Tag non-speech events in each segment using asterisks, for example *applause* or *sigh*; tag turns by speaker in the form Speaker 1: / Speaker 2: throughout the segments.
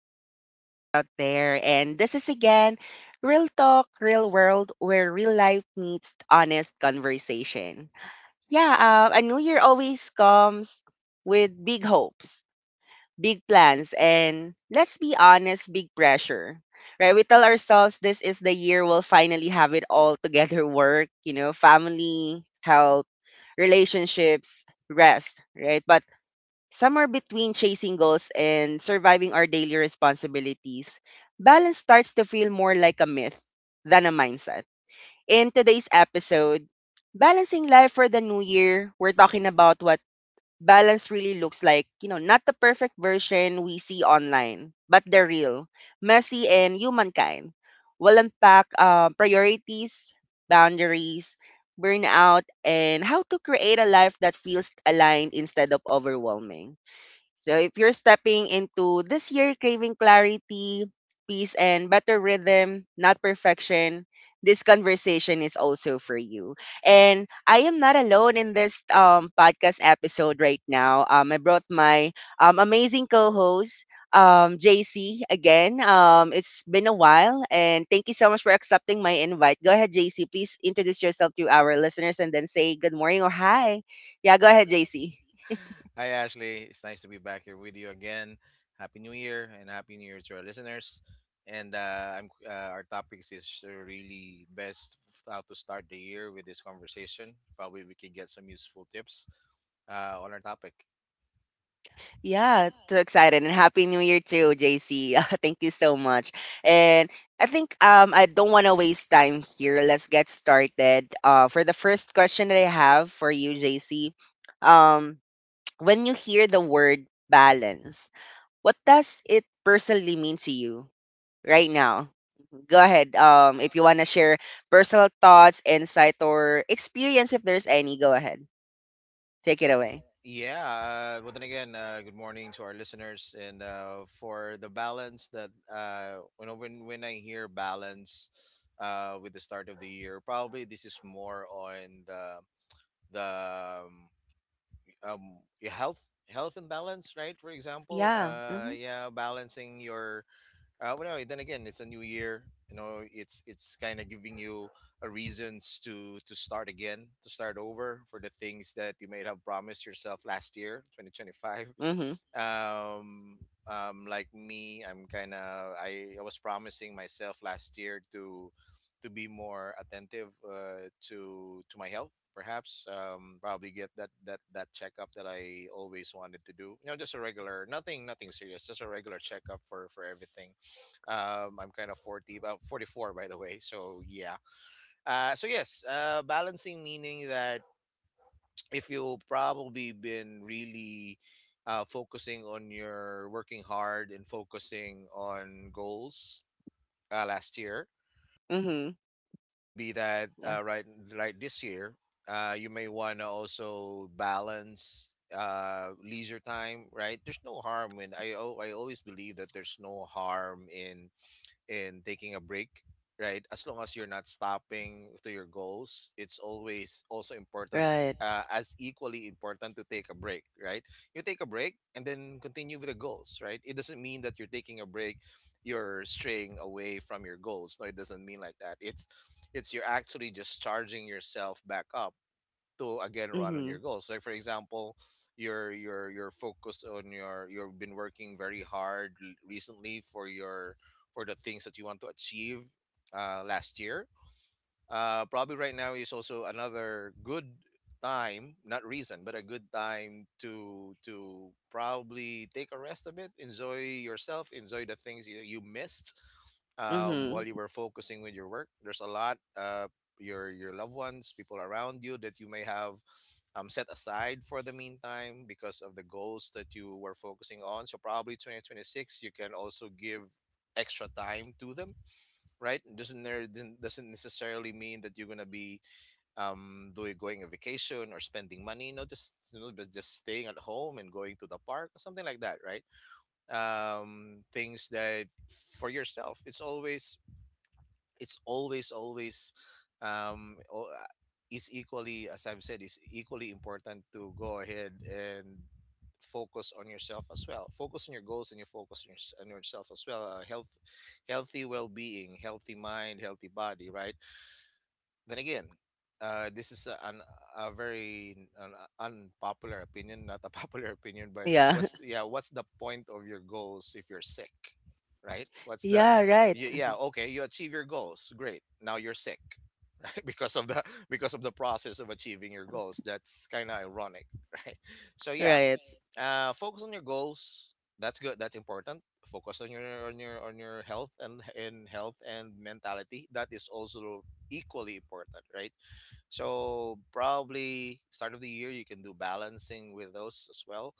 Speaker 1: our listeners out there. And this is again Real Talk, Real World, where real life meets honest conversation. Yeah, a new year always comes with big hopes, big plans, and let's be honest, big pressure. Right? We tell ourselves this is the year we'll finally have it all together *laughs* work, you know, family, health, relationships, rest, right? But somewhere between chasing goals and surviving our daily responsibilities, balance starts to feel more like a myth than a mindset. In today's episode, Balancing Life for the New Year, we're talking about what balance really looks like. You know, not the perfect version we see online, but the real, messy, and humankind. We'll unpack priorities, boundaries, burnout, and how to create a life that feels aligned instead of overwhelming. So if you're stepping into this year craving clarity, peace, and better rhythm, not perfection, this conversation is also for you. And I am not alone in this podcast episode right now. I brought my amazing co-host, JC, again. It's been a while, and thank you so much for accepting my invite. Go ahead, JC. Please introduce yourself to our listeners and then say good morning or hi. Yeah, go ahead, JC.
Speaker 2: Hi, Ashley. It's nice to be back here with you again. Happy New Year and Happy New Year to our listeners. And our topics is really best how to start the year with this conversation. Probably we can get some useful tips on our topic.
Speaker 1: Yeah, too excited and happy new year too, JC. *laughs* Thank you so much. And I think I don't want to waste time here. Let's get started. For the first question that I have for you, JC. Um *tsk* when you hear the word balance, what does it personally mean to you right now? Go ahead. If you want to share personal thoughts, insight or experience if there's any, go ahead. Take it away.
Speaker 2: Yeah, well, then again, good morning to our listeners. And for the balance that when I hear balance, with the start of the year, probably this is more on the um, your health imbalance, right? For example,
Speaker 1: Yeah. Mhm.
Speaker 2: yeah, balancing your— well, no, then again, it's a new year. You know, it's kind of giving you a reasons to start again, to start over for the things that you may have promised yourself last year, 2025.
Speaker 1: Mhm.
Speaker 2: Um, like me, I'm kind of I was promising myself last year to be more attentive, to my health. Perhaps probably get that checkup that I always wanted to do. You know, just a regular, nothing serious, just a regular checkup for everything. I'm kind of 40, about 44, by the way. So yeah. So yes, balancing meaning that if you probably been really, focusing on your working hard and focusing on goals, last year,
Speaker 1: Mhm.
Speaker 2: could be that,
Speaker 1: Yeah.
Speaker 2: uh, right, this year, you may want to also balance leisure time, right? There's no harm in— I always believe that there's no harm in and taking a break, right? As long as you're not stopping to your goals, it's always also important,
Speaker 1: Right.
Speaker 2: as equally important to take a break, right? You take a break and then continue with the goals, right? It doesn't mean that you're taking a break, you're straying away from your goals. No, it doesn't mean like that. It's you're actually just charging yourself back up to again run on your
Speaker 1: Mhm.
Speaker 2: goals. Like for example, you're focused on your— you've been working very hard, recently, for your, for the things that you want to achieve, last year, probably right now is also another good time, not reason, but a good time to probably take a rest a bit, enjoy yourself, enjoy the things you missed, while
Speaker 1: Mhm.
Speaker 2: you were focusing with your work. There's a lot, your loved ones, people around you that you may have, set aside for the meantime because of the goals that you were focusing on. So probably 2026, you can also give extra time to them, right? Doesn't— there then doesn't necessarily mean that you're gonna be, doing— going a vacation or spending money. You just, you know, but just staying at home and going to the park or something like that, right? Things that for yourself. It's always um o- uh, is equally, as I've said, is equally important to go ahead and focus on yourself as well, focus on your goals, and you focus on, on yourself as well. Healthy well-being, healthy mind, healthy body, right? Then again, this is a, an, a very an unpopular opinion, not a *laughs* popular opinion, but
Speaker 1: Yeah.
Speaker 2: what's—
Speaker 1: *laughs*
Speaker 2: Yeah. Yeah, what's the point of your goals if you're sick, right? What's the—
Speaker 1: Yeah,
Speaker 2: Yeah.
Speaker 1: right.
Speaker 2: You— Yeah. Yeah,
Speaker 1: Mhm.
Speaker 2: okay, you achieve your goals, great. Now you're sick, *laughs* right? Because of the— because of the process of achieving your goals. That's kind of ironic, *laughs* right? So yeah,
Speaker 1: Right.
Speaker 2: focus on your goals. That's good. That's important. Focus on your— on your— on your health, and in health and mentality. That is also equally important, right? So probably start of the year you can do balancing with those as well.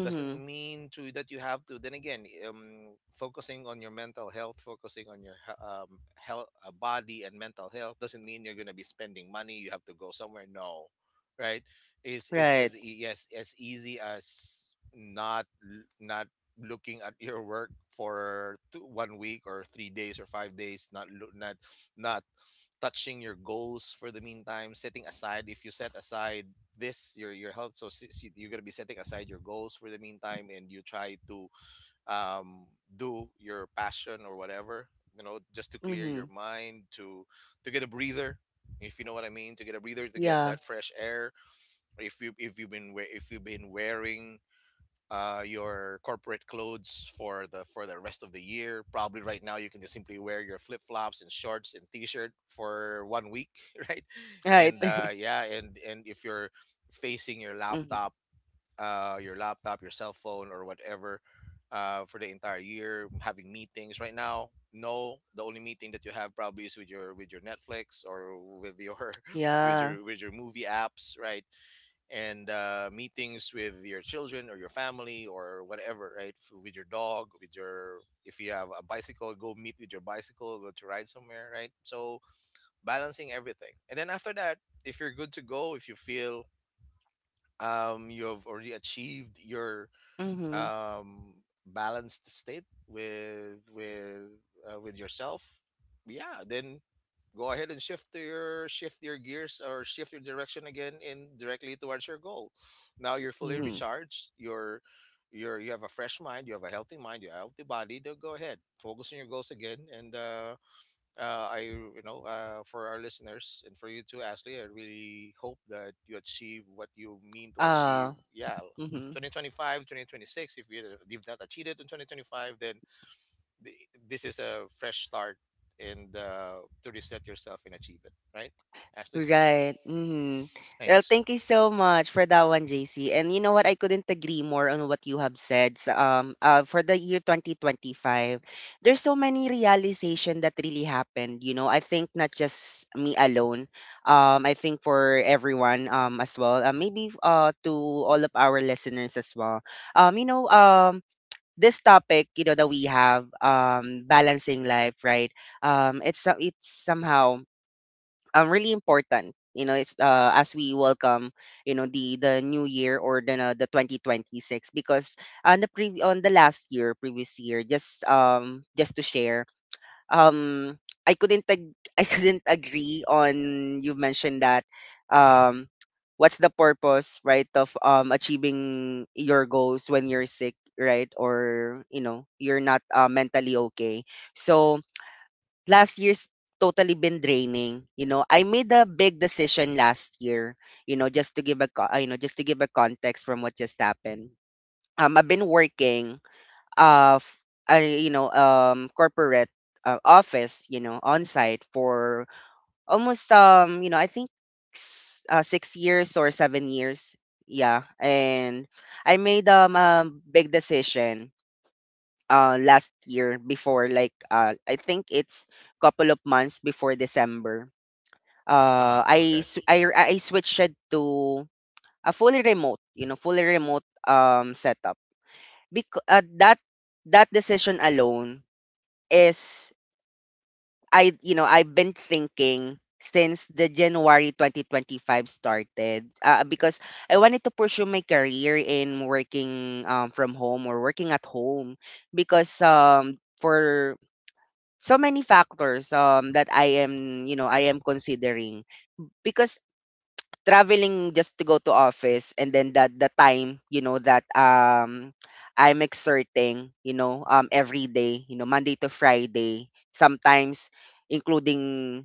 Speaker 2: Doesn't mean to that you have to then again, focusing on your mental health, focusing on your, health, body and mental health doesn't mean you're going to be spending money, you have to go somewhere. No, right? It's as—
Speaker 1: Right.
Speaker 2: yes, as easy as not— not looking at your work for 2— 1 week, or 3 days, or 5 days, not— not touching your goals for the meantime, setting aside— if you set aside this, your health, so since you— you're going to be setting aside your goals for the meantime, and you try to, um do your passion or whatever, you know, just to clear your
Speaker 1: Mhm.
Speaker 2: mind, to get a breather, if you know what I mean, to get a breather, to get
Speaker 1: Yeah.
Speaker 2: that fresh air. If you— if you've been wearing, your corporate clothes for the— for the rest of the year. Probably right now you can just simply wear your flip flops and shorts and t-shirt for 1 week, *laughs* right?
Speaker 1: Right.
Speaker 2: And
Speaker 1: *laughs*
Speaker 2: yeah, and if you're facing your
Speaker 1: Mhm.
Speaker 2: laptop, your laptop, your cell phone, or whatever, for the entire year, having meetings right now. No, the only meeting that you have probably is with your— with your Netflix, or with your *laughs* with
Speaker 1: Yeah.
Speaker 2: your— with your movie apps, right? And meetings with your children, or your family, or whatever, right? F- With your dog, with your— if you have a bicycle, go meet with your bicycle, go to ride somewhere, right? So, balancing everything, and then after that, if you're good to go, if you feel, you have already achieved your,
Speaker 1: Mhm.
Speaker 2: um, balanced state with with yourself, yeah, then go ahead and shift to your— shift your gears, or shift your direction again, in directly towards your goal. Now you're fully
Speaker 1: Mhm.
Speaker 2: recharged. You're you have a fresh mind. You have a healthy mind. You have a healthy body. Then go ahead, focus on your goals again, and I— you know, for our listeners and for you too, Ashley. I really hope that you achieve what you mean to achieve.
Speaker 1: Ah.
Speaker 2: Yeah,
Speaker 1: Mhm.
Speaker 2: 2025, 2026. If you— if not achieved it in 2025, then th- this is a fresh start, and to reset yourself and achieve it. Right, Ashley?
Speaker 1: Right. Hmm. Well,
Speaker 2: Thanks.
Speaker 1: thank you so much for that one, JC. And you know what? I couldn't agree more on what you have said. So, for the year 2025, there's so many realization that really happened. You know, I think not just me alone. I think for everyone, as well. Maybe to all of our listeners as well. You know, This topic, you know, that we have, balancing life, right? It's somehow really important, you know. It's as we welcome, you know, the new year, or the 2026, because on the last year, previous year. Just just to share, um I couldn't *laughs* I couldn't agree on, you mentioned that um what's the purpose, right, of achieving your goals when you're sick, right, or you know you're not mentally okay. So last year's totally been draining. You know, I made a big decision last year. You know, just to give a you know, just to give a context from what just happened. I've been working uh, f- you know, corporate office, you know, on site for almost, you know, I think 6 years or 7 years. Yeah, and I made a big decision last year, before, like, I think it's couple of months before December.
Speaker 2: Uh huh.
Speaker 1: I
Speaker 2: Okay.
Speaker 1: s- I
Speaker 2: Mm-hmm.
Speaker 1: r- I switched it to a fully remote, you know, fully remote setup. Because that decision alone is, I, you know, I've been thinking since the January 2025 started, because I wanted to pursue my career in working, from home, or working at home, because for so many factors, that I am, you know, I am considering, because traveling just to go to office, and then that the time, you know, that I'm exerting, you know, every day, you know, Monday to Friday, sometimes including,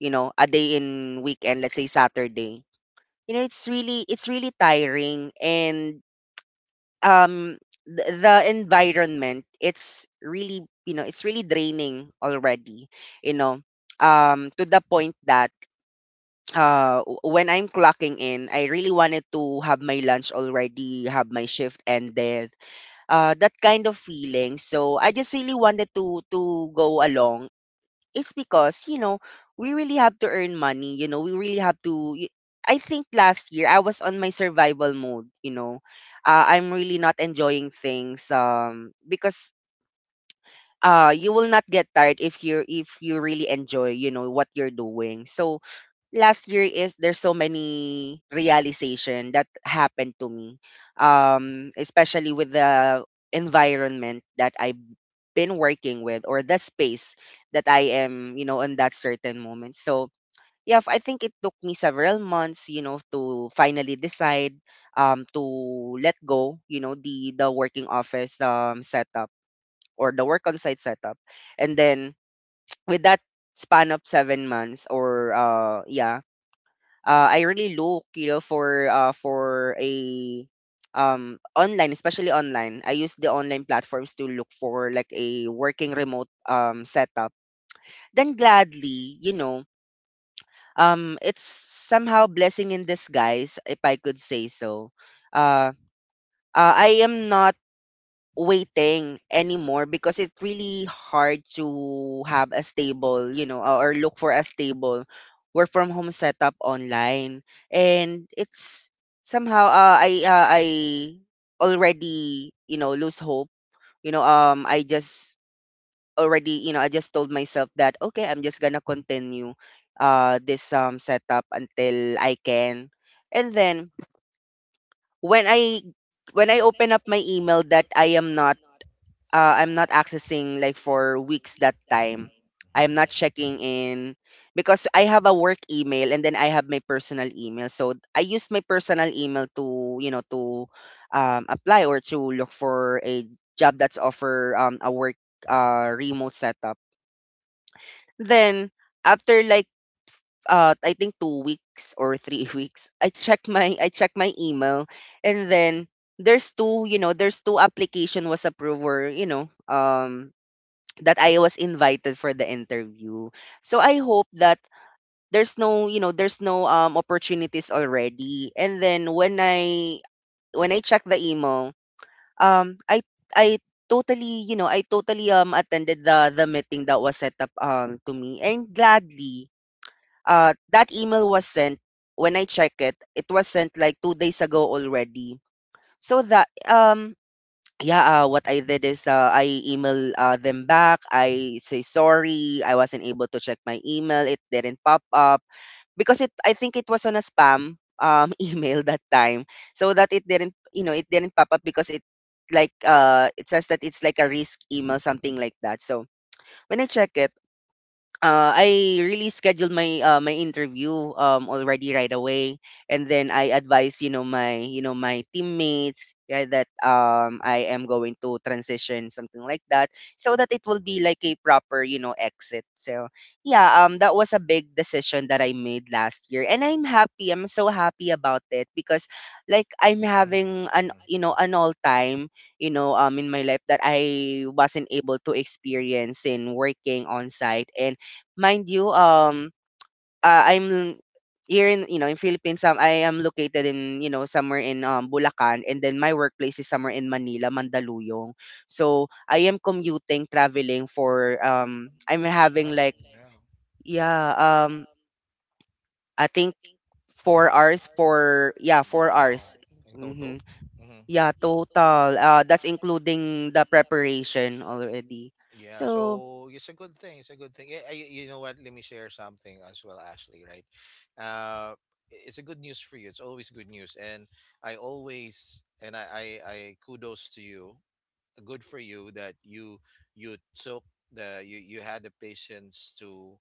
Speaker 1: you know, a day in weekend, let's say Saturday. You know, it's really tiring. And um the environment, it's really, you know, it's really draining already, you know. To the point that, when I'm clocking in, I really wanted to have my lunch already, have my shift ended, that kind of feeling. So I just really wanted to go along. It's because, you know, we really have to earn money, you know, we really have to I think last year I was on my survival mode, you know. I'm really not enjoying things, because you will not get tired if you're if you really enjoy, you know, what you're doing. So last year is, there's so many realization that happened to me, especially with the environment that I been working with, or the space that I am, you know, in that certain moment. So yeah, I think it took me several months, you know, to finally decide to let go, you know, the working office setup, or the work on site setup. And then *tsk* with that span of 7 months, or I really look, you know, for a online, especially online. I use the online platforms to look for, like, a working remote setup. Then gladly, you know, it's somehow blessing in disguise, if I could say so. Uh, I am not waiting anymore, because it's really hard to have a stable, you know, or look for a stable work from home setup online. And it's somehow, I already, you know, lose hope. You know, I just already, you know, I just told myself that, okay, I'm just going to continue this setup until I can. And then when I when I open up my email that I am not, I'm not accessing, like, for weeks that time.
Speaker 2: I'm
Speaker 1: I'm not
Speaker 2: Mm-hmm.
Speaker 1: checking in, because I have a work email, and then I have my personal email. So I used my personal email to, you know, to apply, or to look for a job that's offer a work remote setup. Then after, like, I think 2 weeks or three *laughs* weeks, I check my, email. And then there's two, you know, there's two application was approved, or, you know, that I was invited for the interview. So I hope that there's no, you know, there's no opportunities already. And then when I check the email, um I I totally, you know, I totally attended the meeting that was set up to me, and gladly that email was sent. When I check it, it was sent like 2 days ago already. So that, yeah, what I did is, I email them back. I say, sorry, I wasn't able to check my email. It didn't pop up because it. I think it was on a spam *laughs* email that time, so that it didn't. You know, it didn't pop up because it, like, it says that it's like a risk email, something like that. So when I check it, I really scheduled my, interview already, right away. And then I advise, you know, my, you know, my teammates, yeah, that I am going to transition, something like that, so that it will be like a proper, you know, exit. So yeah, that was a big decision that I made last year, and I'm happy. I'm so happy about it, because, like, I'm having
Speaker 2: Mm-hmm.
Speaker 1: an, you know,
Speaker 2: Hmm.
Speaker 1: an all time, you know, in my life that I wasn't able to experience in working on site. And mind you, I'm here in, you know, in Philippines. I am located in, you know, somewhere in Bulacan, and then my workplace is somewhere in Manila, Mandaluyong. So I am commuting, traveling for, I'm
Speaker 2: That's
Speaker 1: having,
Speaker 2: far.
Speaker 1: like,
Speaker 2: Yeah.
Speaker 1: yeah, um, I think four
Speaker 2: Hmm.
Speaker 1: hours for, yeah, four
Speaker 2: Wow.
Speaker 1: hours.
Speaker 2: In total?
Speaker 1: Mm-hmm.
Speaker 2: Hmm.
Speaker 1: Yeah, total. That's including the preparation already.
Speaker 2: Yeah.
Speaker 1: So
Speaker 2: So it's a good thing. It's a good thing. Yeah, I- you know what? Let me share something as well, Ashley, right? Uh, it's a good news for you. It's always good news. And I always, and I kudos to you. Good for you that you took you, you had the patience to—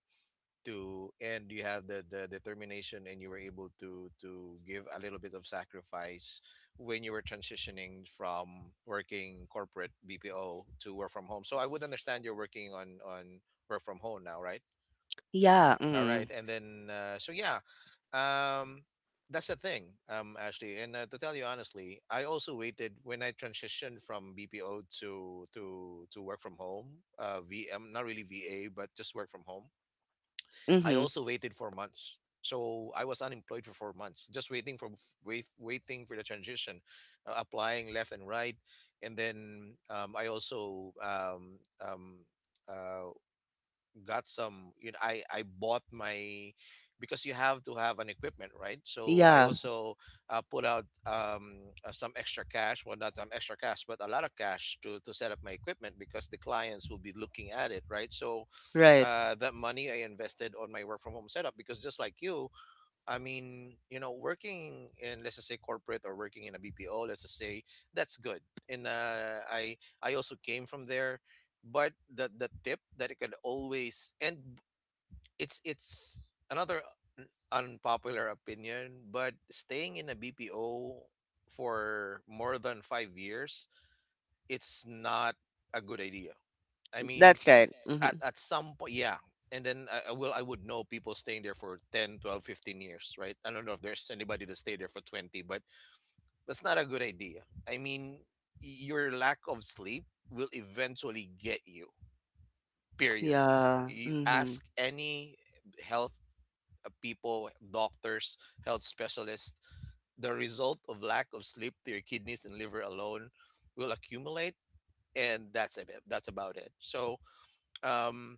Speaker 2: and you have the determination, and you were able to give a little bit of sacrifice when you were transitioning from working corporate BPO to work from home. So I would understand you're working on— on work from home now, right?
Speaker 1: yeah.
Speaker 2: All
Speaker 1: Mm.
Speaker 2: right, and then so yeah, um, that's the thing, Ashley. And to tell you honestly, I also waited when I transitioned from BPO to work from home, VM, not really VA, but just work from home. I
Speaker 1: Mm-hmm.
Speaker 2: also waited for months. So I was unemployed for 4 months, just waiting for— waiting for the transition, applying left and right, and then I also uh, got some, you know, I bought my, because you have to have an equipment, right? so I Yeah.
Speaker 1: Yeah.
Speaker 2: Also, put out some extra cash— well, not, extra cash, but a lot of cash to set up my equipment, because the clients will be looking at it, right? So,
Speaker 1: Right.
Speaker 2: that money I invested on my work from home setup, because just like you, I mean, you know, working in, let's just say, corporate, or working in a BPO, let's just say, that's good. And I also came from there, but the tip that it could always, and it's another, unpopular opinion, but staying in a BPO for more than 5 years, it's not a good idea. I mean,
Speaker 1: That's right. Mm-hmm.
Speaker 2: at some point, yeah. And then I would know people staying there for 10, 12, 15 years, right? I don't know if there's anybody that stayed there for 20, but that's not a good idea. I mean, your lack of sleep will eventually get you. Period.
Speaker 1: Yeah,
Speaker 2: You
Speaker 1: mhm.
Speaker 2: ask any health people, doctors, health specialists, the result of lack of sleep to your kidneys and liver alone will accumulate, and that's about it, so um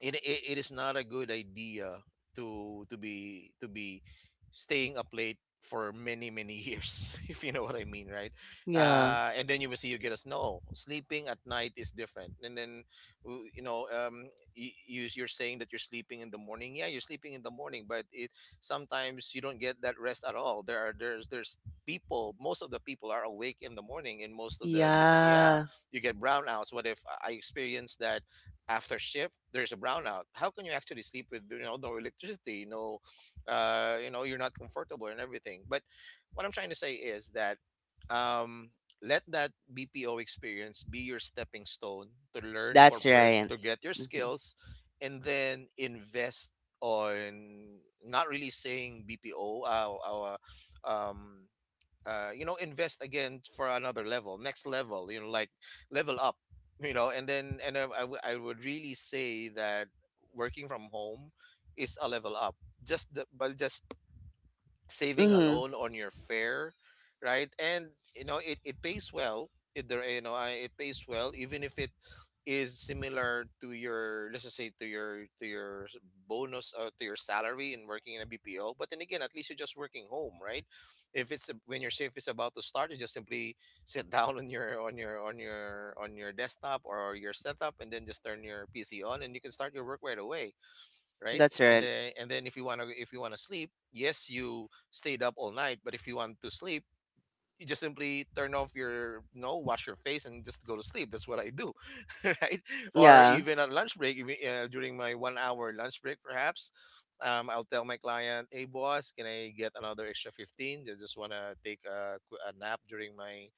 Speaker 2: it is not a good idea to be staying up late for many many years *laughs* if you know what I mean, right?
Speaker 1: Yeah.
Speaker 2: And then you will see you get us. No sleeping at night is different. And then w- you know um you're saying that you're sleeping in the morning. Yeah, you're sleeping in the morning, but it sometimes you don't get that rest at all. There are there's people, most of the people are awake in the morning in most of the business, yeah.
Speaker 1: Yeah,
Speaker 2: You get brownouts. What if I experienced that? After shift, there's a brownout. How can you actually sleep with, you know, no electricity, no, you know, you're not comfortable and everything. But what I'm trying to say is that um let that BPO experience be your stepping stone to learn. That's
Speaker 1: that's
Speaker 2: corporate
Speaker 1: right.
Speaker 2: to right. Get your
Speaker 1: Mhm.
Speaker 2: skills and then invest on, not really saying BPO um you know, invest again for another level, next level, you know, like level up, you know. And then, and I w I would really say that working from home is a level up. Just but just saving
Speaker 1: Mhm.
Speaker 2: alone on your fare, right? And you know it, it pays well. It there you know I, it pays well, even if it is similar to your, let's just say to your, bonus or to your salary in working in a BPO. But then again, at least you're just working home, right? If it's a- When your shift is about to start, you just simply *laughs* sit down on your on your desktop or your setup, and then just turn your PC on, and you can start your work right away, right?
Speaker 1: That's
Speaker 2: and
Speaker 1: right.
Speaker 2: then and then if you want to, sleep, yes, you stayed up all night, but if you want to sleep, you just simply turn off your, you know, wash your face and just go to sleep. That's what I do *laughs* right? Or
Speaker 1: Yeah,
Speaker 2: even at lunch break, even, during my 1 hour lunch break perhaps, I'll tell my client, hey boss, can I get another extra 15? I just want to take a nap during my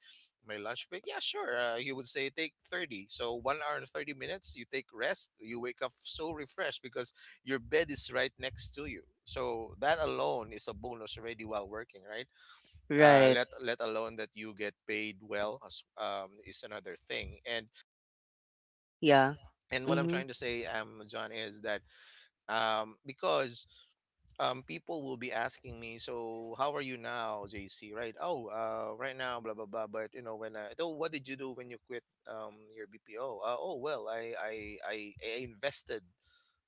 Speaker 2: lunch break. Yeah, sure, he would say, take 30. So 1 hour and 30 minutes you take rest, you wake up so refreshed because your bed is right next to you. So that alone is a bonus already while working, right?
Speaker 1: right.
Speaker 2: Let let alone that you get paid well as, is another thing. And
Speaker 1: Yeah.
Speaker 2: and what I'm
Speaker 1: Mhm.
Speaker 2: trying to say, John, is that, because, people will be asking me, so how are you now, JC? Right? Oh, right now, blah blah blah. But you know, when I, oh, what did you do when you quit your BPO? Oh well, I invested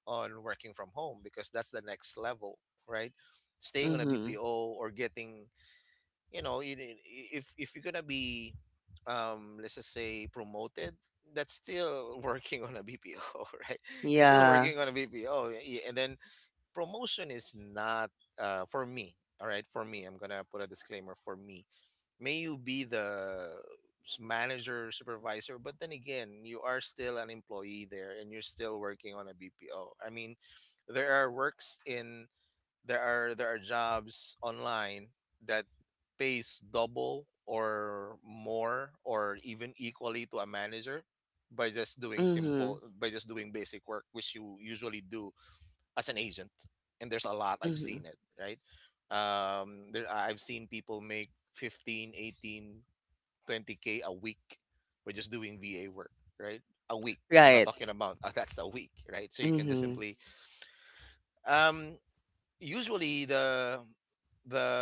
Speaker 2: on working from home because that's the next level, right? Staying on a
Speaker 1: Mhm.
Speaker 2: BPO or getting, you know, if you're gonna be, let's just say, promoted, that's still *laughs* working on a BPO *laughs* right? You're still
Speaker 1: Yeah.
Speaker 2: working on a BPO. Yeah, yeah. And then promotion is not, for me, all right, for me, I'm gonna put a disclaimer, for me, may you be the manager, supervisor, but then again, you are still an employee there, and you're still working on a BPO. I mean, there are works in there are jobs online that pays double or more or even equally to a manager, by just doing simple,
Speaker 1: Mhm.
Speaker 2: by just doing basic work which you usually do as an agent. And there's a lot, I've
Speaker 1: Mhm.
Speaker 2: seen it, right? There, I've seen people make 15, 18, 20K a week by just doing VA work, right? A week, I'm not
Speaker 1: Right.
Speaker 2: talking. Right. About *laughs* that's a week, right? So you can just
Speaker 1: Mhm.
Speaker 2: simply, um usually the the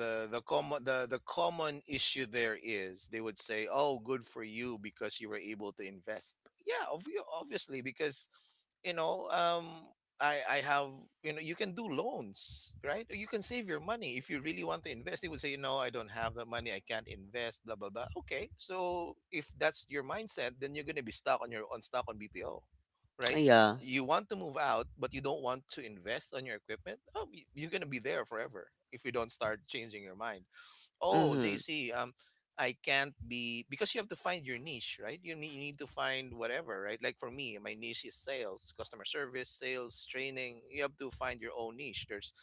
Speaker 2: the the common, the common issue there is, they would say, oh, good for you because you were able to invest. Yeah, obviously, because, you know, I have, you know, you can do loans, right? Or you can save your money if you really want to invest. They would say, no, I don't have that money, I can't invest, blah blah blah. Okay, so if that's your mindset, then you're going to be stuck on your on BPO, right?
Speaker 1: Yeah.
Speaker 2: You want to move out, but you don't want to invest on your equipment. Oh, you're going to be there forever if you don't start changing your mind. Oh, so you
Speaker 1: Mhm.
Speaker 2: see, I can't be, because you have to find your niche, right? You need to find whatever, right? Like for me, my niche is sales, customer service, sales, training. You have to find your own niche. There's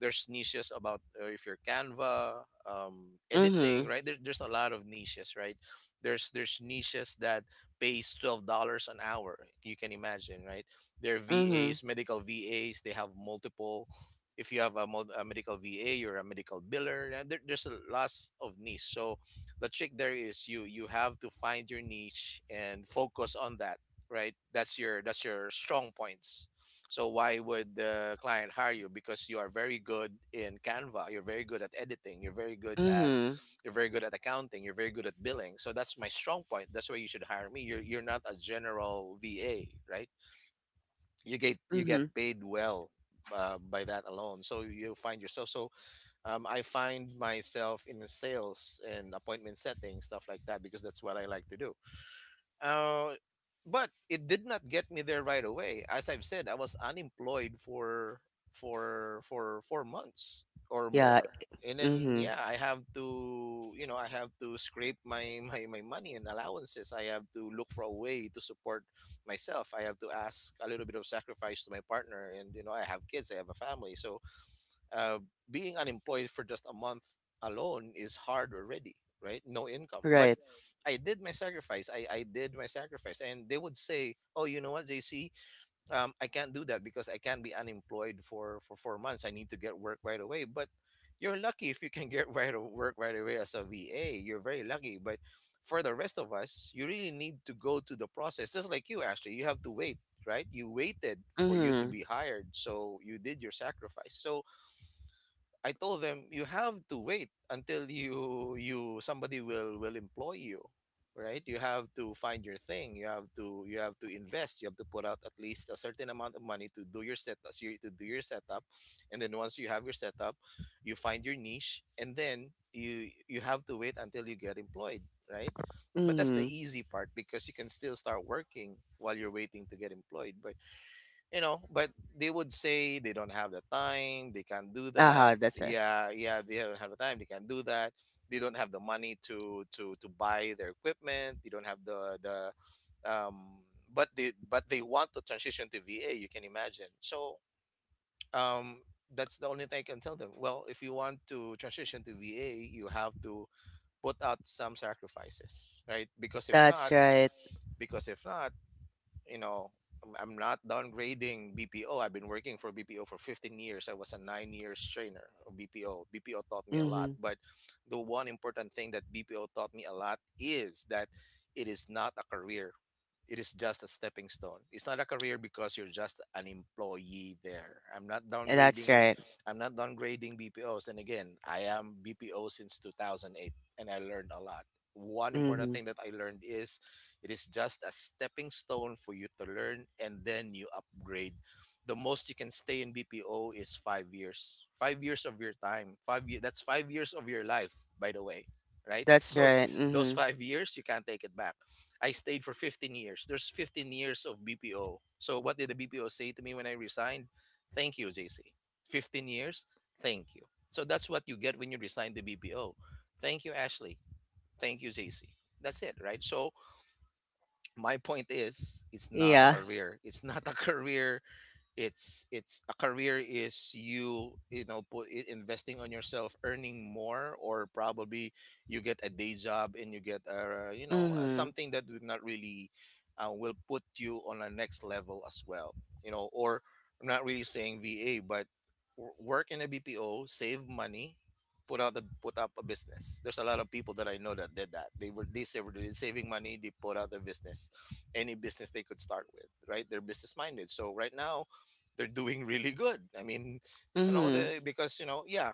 Speaker 2: niches about, if you're Canva, editing,
Speaker 1: Mhm.
Speaker 2: right? There's a lot of niches, right? There's niches that pays $12 an hour. You can imagine, right? They're VAs,
Speaker 1: Mhm.
Speaker 2: medical VAs. They have multiple, if you have a medical VA, you're a medical biller. And there's a lot of niche. So the trick there is, you have to find your niche and focus on that, right? That's your strong points. So why would the client hire you? Because you are very good in Canva. You're very good at editing.
Speaker 1: Mhm.
Speaker 2: You're very good at accounting. You're very good at billing. So that's my strong point. That's why you should hire me. You're not a general VA, right? You get
Speaker 1: Mhm.
Speaker 2: paid well by that alone, so you find yourself. So, I find myself in the sales and appointment setting, stuff like that, because that's what I like to do. uh, but it did not get me there right away. As I've said, I was unemployed for 4 months or
Speaker 1: Yeah.
Speaker 2: more. And then,
Speaker 1: Mhm.
Speaker 2: yeah, I have to, you know, I have to scrape my *laughs* my money and allowances. I have to look for a way to support myself. I have to ask a little bit of sacrifice to my partner, and, you know, I have kids, I have a family, so, uh, being unemployed for just a month alone is hard already, right? No income. But
Speaker 1: Right.
Speaker 2: I did my sacrifice. And they would say, oh, you know what, JC, I can't do that because I can't be unemployed for 4 months. I need to get work right away. But you're lucky if you can get, *laughs* right, work right away as a VA. You're very lucky, but for the rest of us, you really need to go through the process. Just like you, Ashley, you have to wait, right? You waited for you to be
Speaker 1: Mhm.
Speaker 2: hired, so you did your sacrifice. So I told them, you have to wait until you, somebody will employ you, right? You have to find your thing. You have to, invest. You have to put out at least a certain amount of money to do your setup, and then once you have your setup, you find your niche, and then you have to wait until you get employed, right? But that's the
Speaker 1: Mhm.
Speaker 2: easy part, because you can still start working while you're waiting to get employed. But, you know, but they would say, they don't have the time, they can't do that.
Speaker 1: Aha, that's right.
Speaker 2: Yeah, yeah, they don't have the time, they can't do that, they don't have the money to buy their equipment. They don't have the um but they, want to transition to VA. You can imagine. So, um that's the only thing I can tell them. Well, if you want to transition to VA, you have to put out some sacrifices, right? Because if
Speaker 1: That's
Speaker 2: not,
Speaker 1: right.
Speaker 2: because if not you know, I'm not downgrading BPO. I've been working for BPO for 15 years. I was a 9 years trainer of BPO. BPO taught me a lot.
Speaker 1: Mhm.
Speaker 2: But the one important thing that BPO taught me a lot is that it is not a career, it is just a stepping stone. It's not a career because you're just an employee there. I'm not
Speaker 1: That's
Speaker 2: downgrading.
Speaker 1: right.
Speaker 2: I'm not downgrading BPOs. And again, I am BPO since 2008, and I learned a lot. One important
Speaker 1: Mhm.
Speaker 2: thing that I learned is, it is just a stepping stone for you to learn, and then you upgrade. The most you can stay in BPO is 5 years. 5 years of your time. 5 years. That's 5 years of your life, by the way, right?
Speaker 1: That's right.
Speaker 2: Those
Speaker 1: Mhm.
Speaker 2: 5 years you can't take it back. I stayed for 15 years. There's 15 years of BPO. So what did the BPO say to me when I resigned? Thank you, JC. 15 years, thank you. So that's what you get when you resign the BPO. Thank you, Ashley. Thank you, JC. That's it, right? So my point is, it's not a
Speaker 1: Yeah.
Speaker 2: career. It's not a *laughs* career. It's a career is you you know put I- Investing on yourself, earning more, or probably you get a day job and you get
Speaker 1: Mhm.
Speaker 2: something that would not really will put you on a next level as well, you know. Or I'm not really saying VA, but work in a BPO, save money, put up a business. There's a lot of people that I know that did that. They saved, they saving money, they put out the business. Any business they could start with, right? They're business minded. So right now they're doing really good. I mean, you know,
Speaker 1: Mhm.
Speaker 2: they, because you know, yeah,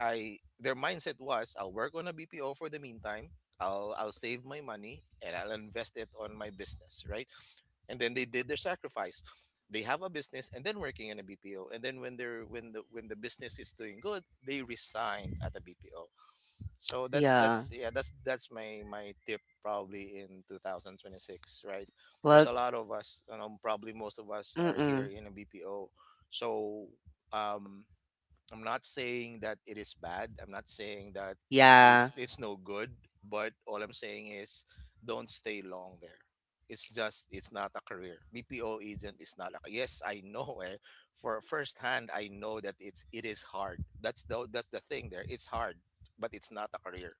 Speaker 2: I— their mindset was, I'll work on a BPO for the meantime. I'll save my money and I'll invest it on my business, right? And then they did their sacrifice. They have a business and then working in a BPO, and then when the business is doing good, they resign at a BPO. So
Speaker 1: Yeah.
Speaker 2: that's yeah that's my tip, probably, in 2026, right? There's
Speaker 1: Well,
Speaker 2: a lot of us, you know, probably most of us are here
Speaker 1: mm-mm.
Speaker 2: in a BPO. So um I'm not saying that it is bad. I'm not saying that
Speaker 1: Yeah.
Speaker 2: it's no good, but all I'm saying is, don't stay long there. It's just, it's not a career. BPO agent is not a— yes, I know, eh. For firsthand, I know that it is hard. That's the thing there. It's hard, but it's not a career.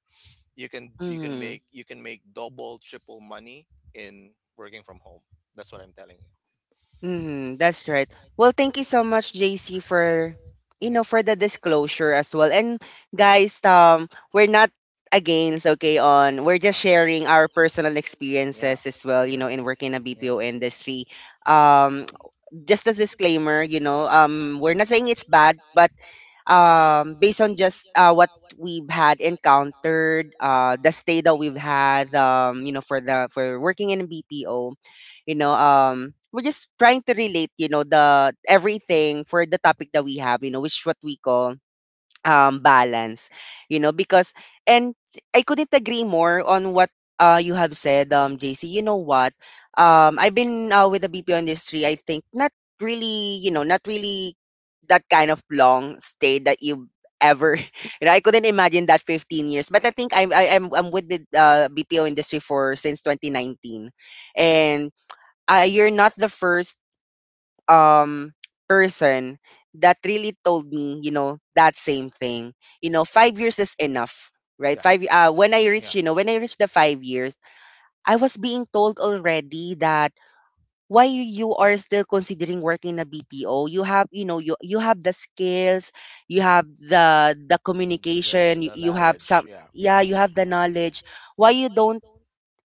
Speaker 2: You can you can
Speaker 1: Mhm.
Speaker 2: make you can make double, triple money in working from home. That's what I'm telling you.
Speaker 1: Mhm. That's right. Well, thank you so much, JC, for, you
Speaker 2: Hmm.
Speaker 1: know, for the disclosure as well. And guys, we're not against, okay, on, we're just
Speaker 2: Yeah.
Speaker 1: sharing our personal
Speaker 2: Yeah.
Speaker 1: experiences as well. You
Speaker 2: Yeah.
Speaker 1: know, in working in a
Speaker 2: Yeah.
Speaker 1: BPO industry. Um, just as disclaimer, you know, we're not saying it's bad, but based on just what we've had encountered, the stay that we've had, you know, for the for working in BPO. You know, we're just trying to relate, you know, the everything for the topic that we have, you know, which what we call balance, you know. Because and I couldn't agree more on what you have said, JC. You know what, I've been with the BPO industry, I think, not really, you know, not really that kind of long stay that you ever *laughs* you know, I couldn't imagine that 15 years, but I think I'm I, I'm with the BPO industry for since 2019. And you're not the first um person that really told me, you know, that same thing. You know, 5 years is enough, right?
Speaker 2: Yeah.
Speaker 1: Five. When I
Speaker 2: I
Speaker 1: reach,
Speaker 2: have
Speaker 1: you know, when I reach the 5 years, I was being told already that why you are still considering working in a BPO. You have, you know, you have the skills, you have the communication, you have
Speaker 2: knowledge.
Speaker 1: some, yeah,
Speaker 2: Mhm.
Speaker 1: you have the knowledge. Why you don't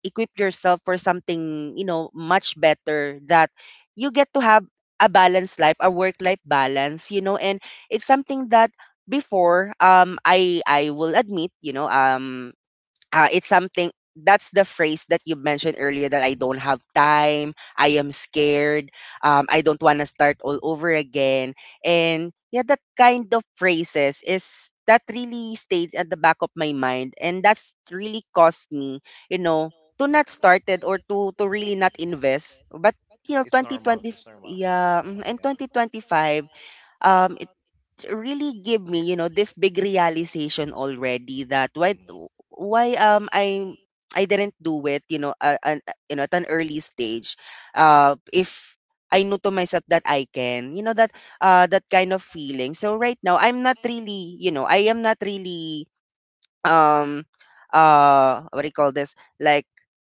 Speaker 1: equip yourself for something, you know, much better, that you get to have a balanced life, a work life balance, you know. And it's something that before, I will admit, you know, it's something that's the phrase that you mentioned earlier, that I don't have time, I am scared, I don't want to start all over again. And yeah, that kind of phrases is that really stays at the back of my mind. And that's really cost me, you know, to not start it, or to really not invest. But, you know,
Speaker 2: It's normal.
Speaker 1: 2020,
Speaker 2: Yeah.
Speaker 1: yeah, mm, and 2025, um, really give me, you know, this big realization already that why
Speaker 2: Mhm.
Speaker 1: why um I didn't do it, you know, you know, at an early stage. If I knew to myself that I can, you know, that that kind of feeling. So right now, I'm not really, you know, I am not really um what do you call this, like,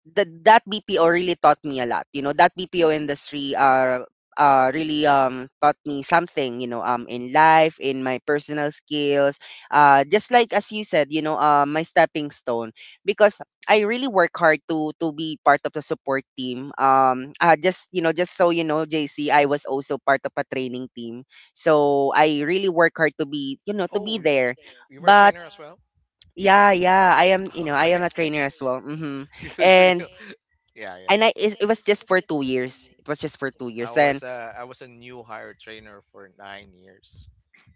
Speaker 1: the, that BPO really taught me a lot, you know. That BPO industry really taught me something, you know, in life, in my personal skills, just like as you said, you know, my stepping stone, because I really work hard to be part of the support team. Just you know, just so you know, JC, I was also part of a training team, so I really work hard to be, you know, to be there.
Speaker 2: You were a
Speaker 1: But
Speaker 2: trainer, well.
Speaker 1: yeah, yeah, I am, you know,
Speaker 2: *laughs*
Speaker 1: I
Speaker 2: Okay.
Speaker 1: am a trainer as well.
Speaker 2: Mhm. *laughs* Good for—
Speaker 1: And
Speaker 2: Yeah. Yeah.
Speaker 1: and I it, it was just for 2 years. It was just for 2 years. And
Speaker 2: was a I was a new hire trainer for 9 years.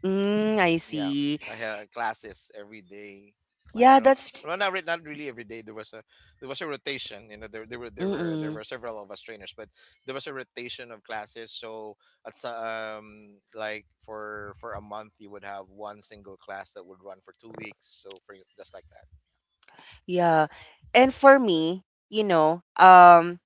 Speaker 1: mm, I
Speaker 2: Yeah,
Speaker 1: see.
Speaker 2: I had classes every day.
Speaker 1: Yeah,
Speaker 2: I don't. Well,
Speaker 1: that's
Speaker 2: Not really every day. There was a— rotation. You know, there there were there were there
Speaker 1: mm-mm,
Speaker 2: were several of us trainers, but there was a rotation of classes. So like, for a month, you would have one single class that would run for 2 weeks. So for you— just like that.
Speaker 1: yeah. And for me, you know,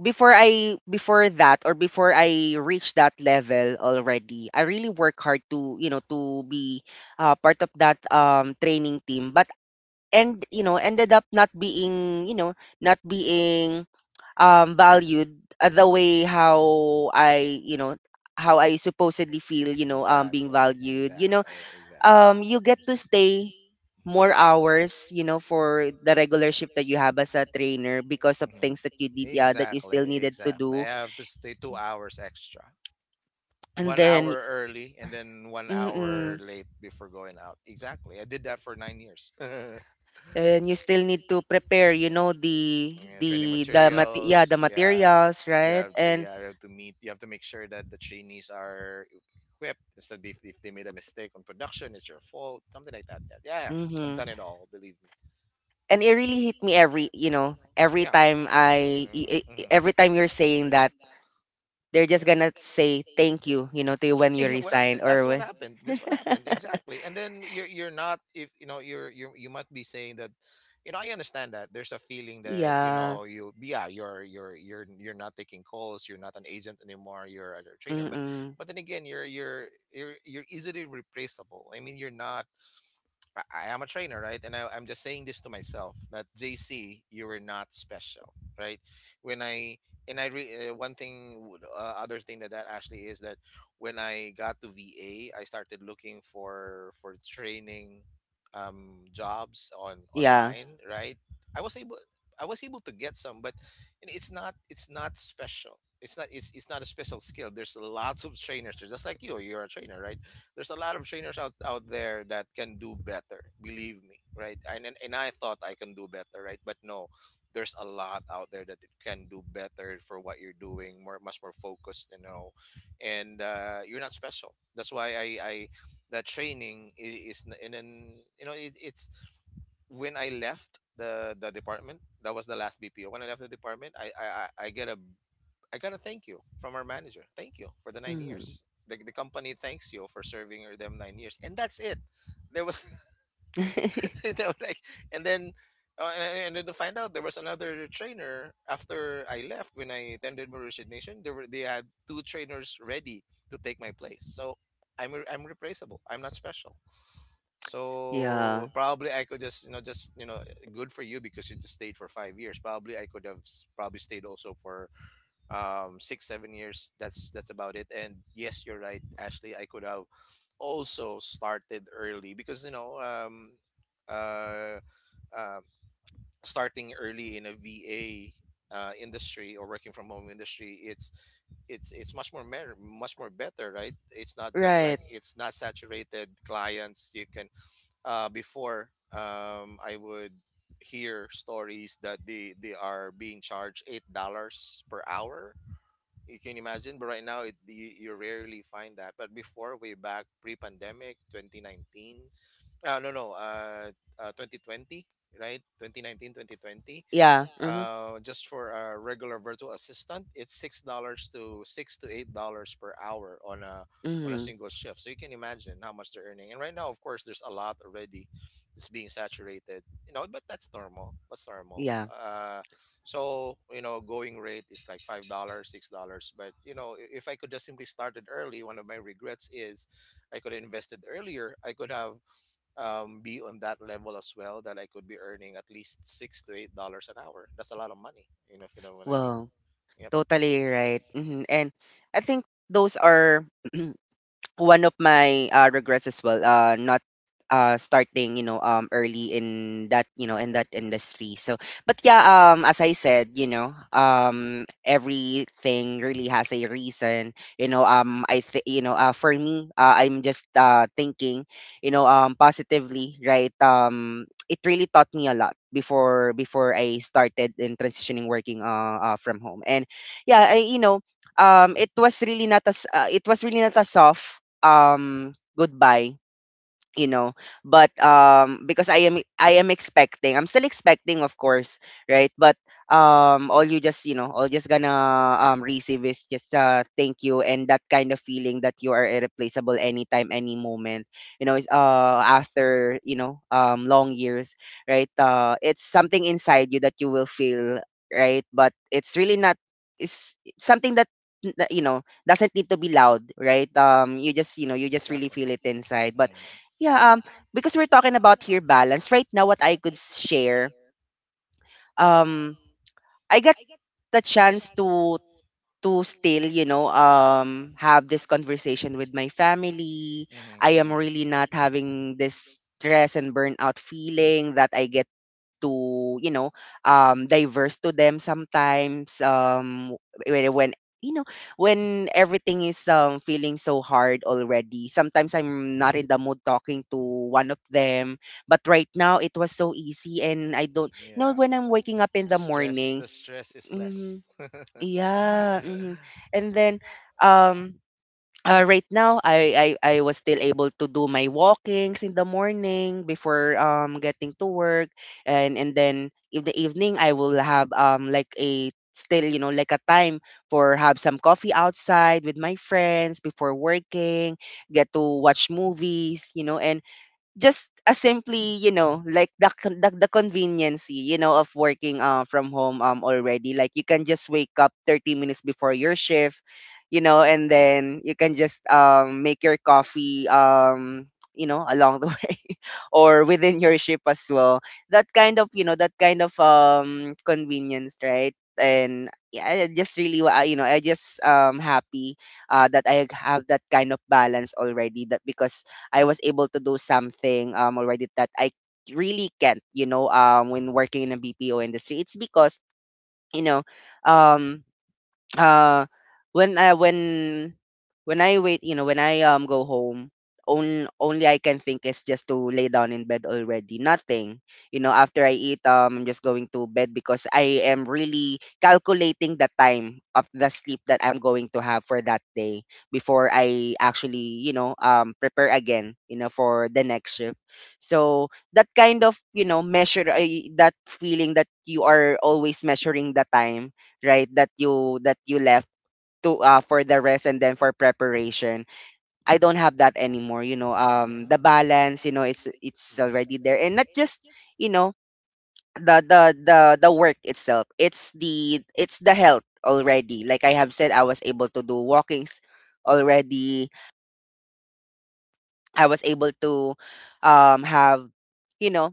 Speaker 1: before I before that, or before I reached that level already, I really work hard to, you know, to be part of that training team. But, and you know, ended up not being, you know, not being valued the way how I, you know, how I supposedly feel, you
Speaker 2: Exactly.
Speaker 1: know, being
Speaker 2: Exactly.
Speaker 1: valued, you know.
Speaker 2: Exactly. Exactly.
Speaker 1: You get to stay
Speaker 2: Mhm.
Speaker 1: more hours, you know, for the regular shift that you have as a trainer, because of
Speaker 2: Mhm.
Speaker 1: things that you did, yeah, that you still
Speaker 2: Exactly,
Speaker 1: needed to
Speaker 2: exactly. I
Speaker 1: do.
Speaker 2: have to stay 2 hours extra.
Speaker 1: And
Speaker 2: One
Speaker 1: then
Speaker 2: hour early and then 1 hour
Speaker 1: mm,
Speaker 2: late before going out. Exactly. I did that for 9 years. *laughs* And
Speaker 1: and you still need to prepare, you know,
Speaker 2: yeah, training
Speaker 1: yeah, the
Speaker 2: materials. Yeah,
Speaker 1: materials,
Speaker 2: you
Speaker 1: right.
Speaker 2: have to.
Speaker 1: And
Speaker 2: Yeah, you have to meet. You have to make sure that the trainees are equipped. So if they made a mistake on production, it's your fault. Something like that. Yeah, yeah. I've
Speaker 1: mhm.
Speaker 2: done it all. Believe me.
Speaker 1: And it really hit me every, you know, every
Speaker 2: Yeah.
Speaker 1: time I
Speaker 2: Mm-hmm.
Speaker 1: every time you're saying that they're just
Speaker 2: Yeah.
Speaker 1: gonna say thank you, you know, to you when you
Speaker 2: Yeah, well,
Speaker 1: resign
Speaker 2: that's
Speaker 1: or
Speaker 2: what
Speaker 1: when
Speaker 2: happened. This what happened
Speaker 1: *laughs*
Speaker 2: exactly. And then you're not if you know you're you you might be saying that, you know, I understand that there's a feeling that you
Speaker 1: yeah,
Speaker 2: know you— yeah, you're not taking calls. You're not an agent anymore. You're a trainer.
Speaker 1: mm-mm.
Speaker 2: But then again, you're easily replaceable. I mean, you're not— I am a trainer, right? And I'm just saying this to myself that JC, you were not special, right? When I— and I re, one thing, other thing that that actually is that when I got to VA, I started looking for training jobs on— yeah,
Speaker 1: Yeah.
Speaker 2: online, right? I was able. I was able to get some, but you know, it's not, it's not special. It's not, it's, it's not a special skill. There's lots of trainers. They're just like you. You're a trainer, right? There's a lot of trainers out there that can do better, believe me, right? And I thought I can do better, right? But no, there's a lot out there that can do better for what you're doing, more, much more focused, you know. And you're not special. That's why I that training is, and then you know, it, it's— when I left the department, that was the last BPO. When I left the department, I get a— I gotta thank you from our manager. Thank you for the nine
Speaker 1: Mm.
Speaker 2: years. The company thanks you for serving them 9 years, and that's it. There was, *laughs*
Speaker 1: *laughs*
Speaker 2: they were like, and then, and then to find out there was another trainer after I left. When I tendered my resignation, there were— they had two trainers ready to take my place. So I'm replaceable. I'm not special.
Speaker 1: Yeah.
Speaker 2: So probably I could just, you know, just, you know, good for you because you just stayed for 5 years. Probably I could have probably stayed also for 6, 7 years That's about it. And yes, you're right, Ashley, I could have also started early because, you know, uh, uh starting early in a VA, industry or working from home industry, it's, it's much more much more better, right? It's not that like,
Speaker 1: Right.
Speaker 2: it's not saturated. Clients you can— before, I would hear stories that they are being charged $8 per hour. You can imagine, but right now, it you, you rarely find that. But before, way back, pre-pandemic 2019, no, no. 2020, right? 2019, 2020.
Speaker 1: Yeah.
Speaker 2: Yeah.
Speaker 1: Mm-hmm.
Speaker 2: Just for a regular virtual assistant, it's $6 to— $6 to $8 per hour on a
Speaker 1: Mm-hmm.
Speaker 2: single shift. So you can imagine how much they're earning. And right now, of course, there's a lot already. It's being saturated, you know. But that's normal. That's normal.
Speaker 1: Yeah.
Speaker 2: So you know, going rate is like $5, $6. But you know, if I could just simply started early, one of my regrets is I could have invested earlier. I could have be on that level as well, that I could be earning at least $6 to $8 an hour. That's a lot of money, you know, if you know what I mean. So,
Speaker 1: Well,
Speaker 2: yep, you know,
Speaker 1: totally right. Mm-hmm. And I think those are *clears throat* one of my regrets as well, not starting, you know, early in that, you know, in that industry. So but yeah, as I said, you know, everything really has a reason, you know. You know, for me, I'm just thinking, you know, positively, right. It really taught me a lot before, before I started in transitioning working from home. And yeah, you know, it was really not as it was really not a soft goodbye, you know. But because I am, I am expecting, I'm still expecting, of course, right. But all you just, you know, all just gonna receive is just thank you. And that kind of feeling that you are irreplaceable anytime, any moment, you know. It's after, you know, long years, right, it's something inside you that you will feel, right. But it's really not, it's it's something that that, you know, doesn't need to be loud, right. You just, you know, you
Speaker 2: you
Speaker 1: just
Speaker 2: just
Speaker 1: really
Speaker 2: exactly.
Speaker 1: feel it inside.
Speaker 2: Mm-hmm.
Speaker 1: But
Speaker 2: Mm-hmm.
Speaker 1: yeah,
Speaker 2: Yeah,
Speaker 1: because we're talking about here balance right now. What I could share, um, I got the chance to
Speaker 2: to
Speaker 1: still, you
Speaker 2: still,
Speaker 1: know,
Speaker 2: you know,
Speaker 1: have this
Speaker 2: have this
Speaker 1: conversation with
Speaker 2: conversation
Speaker 1: my
Speaker 2: with my family.
Speaker 1: family.
Speaker 2: Mm-hmm.
Speaker 1: I
Speaker 2: Mm-hmm.
Speaker 1: am
Speaker 2: I am
Speaker 1: really not
Speaker 2: really not having
Speaker 1: having this
Speaker 2: this
Speaker 1: stress and burnout feeling that I get too, you know, diverse to them sometimes. When you know, when everything is feeling so hard already, sometimes I'm not in the mood talking to one of them. But right now, it was so easy,
Speaker 2: easy,
Speaker 1: and
Speaker 2: and
Speaker 1: I
Speaker 2: I
Speaker 1: don't,
Speaker 2: think,
Speaker 1: you know,
Speaker 2: yeah,
Speaker 1: when
Speaker 2: well,
Speaker 1: I'm
Speaker 2: when I'm
Speaker 1: waking up
Speaker 2: waking
Speaker 1: in
Speaker 2: up in the—
Speaker 1: the
Speaker 2: stress. The
Speaker 1: morning.
Speaker 2: morning, stress is
Speaker 1: Hmm.
Speaker 2: less. *laughs* Yeah. So
Speaker 1: Yeah. Hmm.
Speaker 2: I
Speaker 1: And then, um. Right now, I was still able to do my walkings in the morning before getting to work. And then in the evening, I will have like a still, you know, like a time for have some coffee outside with my friends before working, get to watch movies, you know, and just as simply, you know, like the conveniency, you know, of working from home, already, like you can just wake up 30 minutes before your shift, you know. And then you can just make your coffee, you know, along the *laughs* way, or within your shift as well. That kind of, you know, that kind of convenience, right. And yeah, I just really you know, I just happy that I have that kind of balance already. That because I was able to do something already, that I really can't, you know, when working in a BPO industry. It's because, you know, um uh when I when when I wait, you know, when I go home, only I can think is just to lay down in bed already. Nothing, you know. After I eat, I'm just going to bed because I am really calculating the time of the sleep that I'm going to have for that day, before I actually, you know, prepare again, you know, for the next shift. So that kind of, you know, measure, that feeling that you are always measuring the time, right, that you left to, for the rest and then for preparation. I don't have
Speaker 2: don't
Speaker 1: that
Speaker 2: have that
Speaker 1: anymore, you
Speaker 2: anymore.
Speaker 1: know.
Speaker 2: You know, yeah.
Speaker 1: The balance, you know, it's
Speaker 2: Mhm.
Speaker 1: already there. And not just, you know, the work itself, it's the, it's the health already. Like I have said, I was able to do walkings already. I was able to have, you know,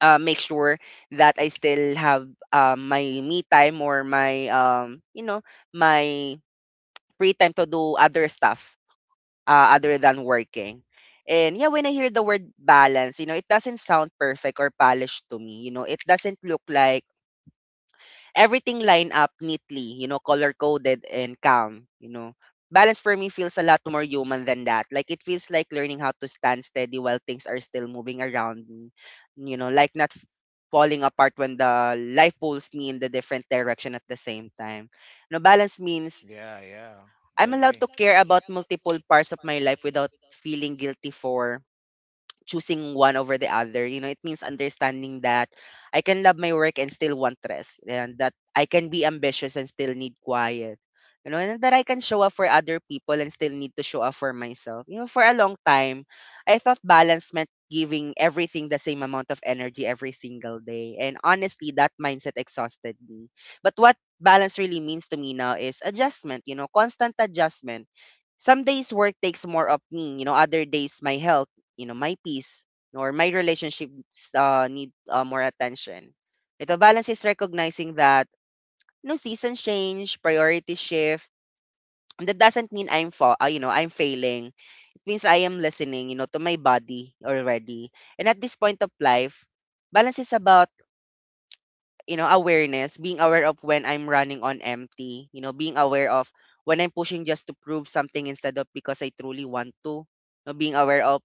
Speaker 1: make sure that I still have my me time, or my you know, my free time to do other stuff, other than working. And yeah, when I hear the word balance, you know, it doesn't sound perfect or polished to me. You know, it doesn't look like everything lined up neatly, you know, color coded and calm, you know. Balance for me feels a lot more human than that. Like it feels like learning how to stand steady while things are still moving around me. You know, like not falling apart when the life pulls me in the different direction at the same time. No, balance means
Speaker 2: Yeah, yeah. I—
Speaker 1: I'm
Speaker 2: I'm
Speaker 1: allowed to care about multiple parts of my life
Speaker 2: you
Speaker 1: without
Speaker 2: know,
Speaker 1: feeling guilty for choosing one over the other. You know, it means understanding that I can love my work and still want rest, and that I can be ambitious and still need quiet. You know, and that I can show up for other people and still need to show up for myself. You know, for a long time, I thought balance meant giving everything the same amount of energy every single day. And honestly, that mindset exhausted me. But what balance really means to me now is adjustment, you know, constant adjustment. Some days work takes more of me, you know, other days my health, you know, my peace, or my relationship need more attention. Right? Balance is recognizing that no seasons change, priorities shift. And that doesn't mean I'm fa- you know I'm failing. It means I am listening, you know, to my body already. And at this point of life, balance is about awareness, being aware of when I'm running on empty, you know, being aware of when I'm pushing just to prove something instead of because I truly want to. You know, being aware of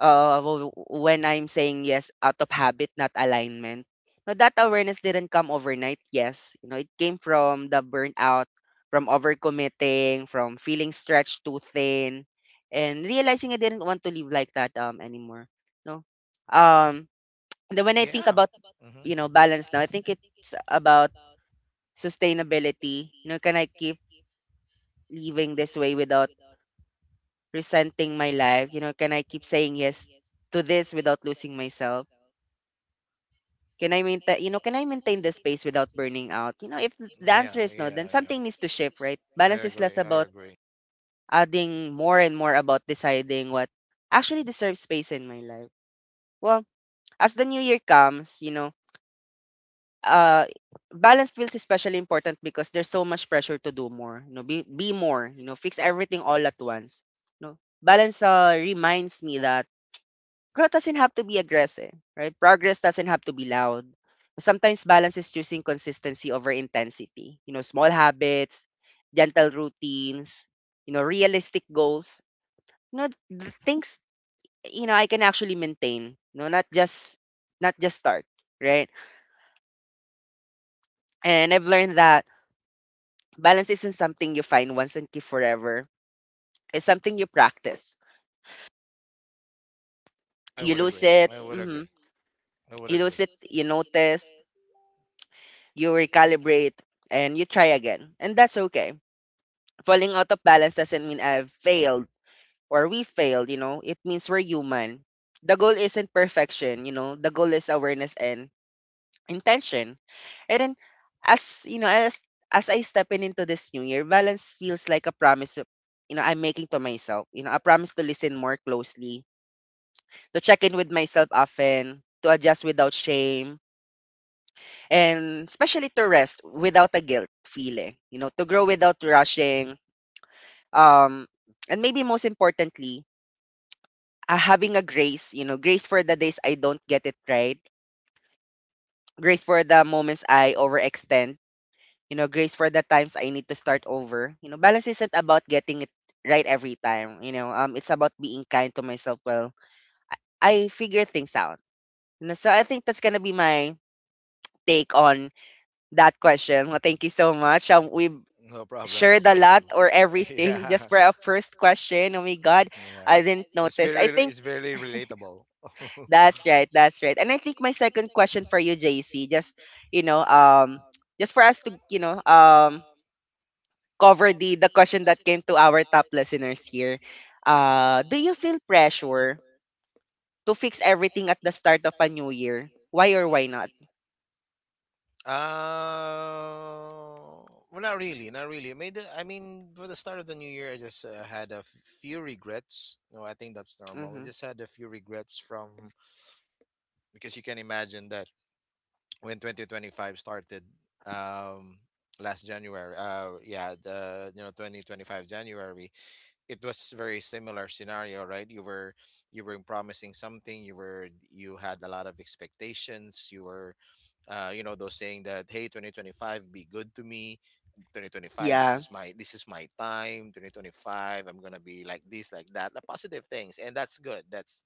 Speaker 1: when I'm saying yes out of habit, not alignment. Now, that awareness didn't come overnight, yes. You know, it came from the burnout, from overcommitting, from feeling stretched too thin, and realizing I didn't want to live like that anymore. No. Um and then when I
Speaker 2: I—
Speaker 1: think about,
Speaker 2: Mm-hmm.
Speaker 1: you know, balance now, I think it's about sustainability. You know, can I keep living this way without resenting my life? You know, can I keep saying yes to this without losing myself? Can I maintain, you know, can I
Speaker 2: Can—
Speaker 1: maintain the space without burning out? You know, if
Speaker 2: if—
Speaker 1: the
Speaker 2: yeah,
Speaker 1: answer is no, then something needs to shift, right?
Speaker 2: is I
Speaker 1: Balance is less
Speaker 2: agree.
Speaker 1: about
Speaker 2: About—
Speaker 1: adding more and more about deciding what actually deserves space in my life. Well, as the new year comes, you know, uh, balance feels especially important because there's so much pressure to do more, you know, be more, you know, fix everything all at once. You know, balance reminds me that growth doesn't have to be aggressive, right? Progress doesn't have to be loud. Sometimes balance is choosing consistency over intensity. You know, small habits, gentle routines, you know, realistic goals. You know, the things you know I can actually maintain. You know, not just start, right? And I've learned that balance isn't something you find once and keep forever. It's something you practice.
Speaker 2: I
Speaker 1: You
Speaker 2: would
Speaker 1: lose it, mhm,
Speaker 2: I would—
Speaker 1: you lose it, you notice, you recalibrate, and you try again. And that's okay. Falling out of balance doesn't mean I've failed or we failed, you know. It means we're human. The goal isn't perfection, you know. The goal is awareness and intention. And then as you know, as I step in into this new year, balance feels like a promise you know, I'm making to myself. You know, a promise to listen more closely, to check in with myself often, to adjust without shame, and especially to rest without a guilt feeling, you know, to grow without rushing. Um, and maybe most importantly, having a grace, you know, grace for the days I don't get it right, grace for the moments I overextend, you know, grace for the times I need to start over. You know, balance isn't about getting it right every time, you know, it's about being kind to myself. Well, I figure things out. You know, so I think that's gonna be my take on that question. Well, thank you so much. We
Speaker 2: no problem. *laughs*
Speaker 1: shared a lot or everything *laughs* just for our first question. Oh my God,
Speaker 2: Yeah.
Speaker 1: I didn't notice. I think
Speaker 2: Relatable. *laughs*
Speaker 1: that's right. That's right. And I think my second question for you, JC, just you know, just for us to you know, cover the question that came to our top listeners here. Do you feel pressure to fix everything at the start of a new year? Why or why not?
Speaker 2: Well, not really, not really. I mean, for the start of the new year, I just had a few regrets. No, I think that's normal. I
Speaker 1: Mm-hmm.
Speaker 2: just had a few regrets from— because you can imagine that when 2025 started, um, last January. Yeah, the you know, 2025 January, it was very similar scenario, right? You were promising something, you were, you had a lot of expectations, you were you know, those saying that, hey, 2025, be good to me. 2025, this
Speaker 1: Yeah.
Speaker 2: is my, this is my time. 2025, I'm gonna be like this, like that, the positive things, and that's good. That's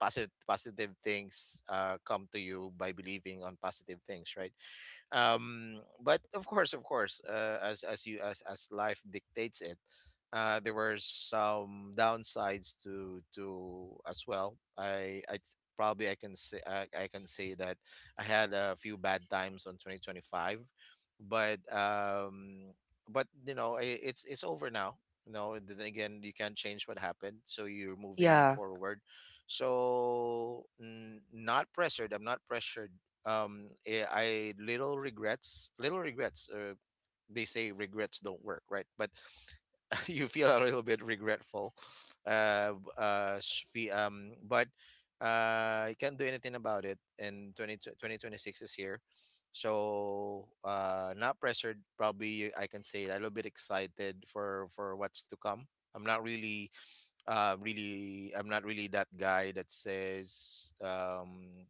Speaker 2: positive, positive things come to you by believing on positive things, right? But of course, of course, as as life dictates it, there were some downsides to— as well. Probably I can say— I can say that I had a few bad times on 2025. But but you know, I it's over now. You know, and then again, you can't change what happened, so you're moving
Speaker 1: Yeah.
Speaker 2: forward. So not pressured, I'm not pressured. I— little regrets, little regrets. They say regrets don't work, right? But *laughs* you feel a little bit regretful. But you can't do anything about it. And twenty six is here. So not pressured. Probably I can say a little bit excited for what's to come. I'm not really Really, I'm not really that guy that says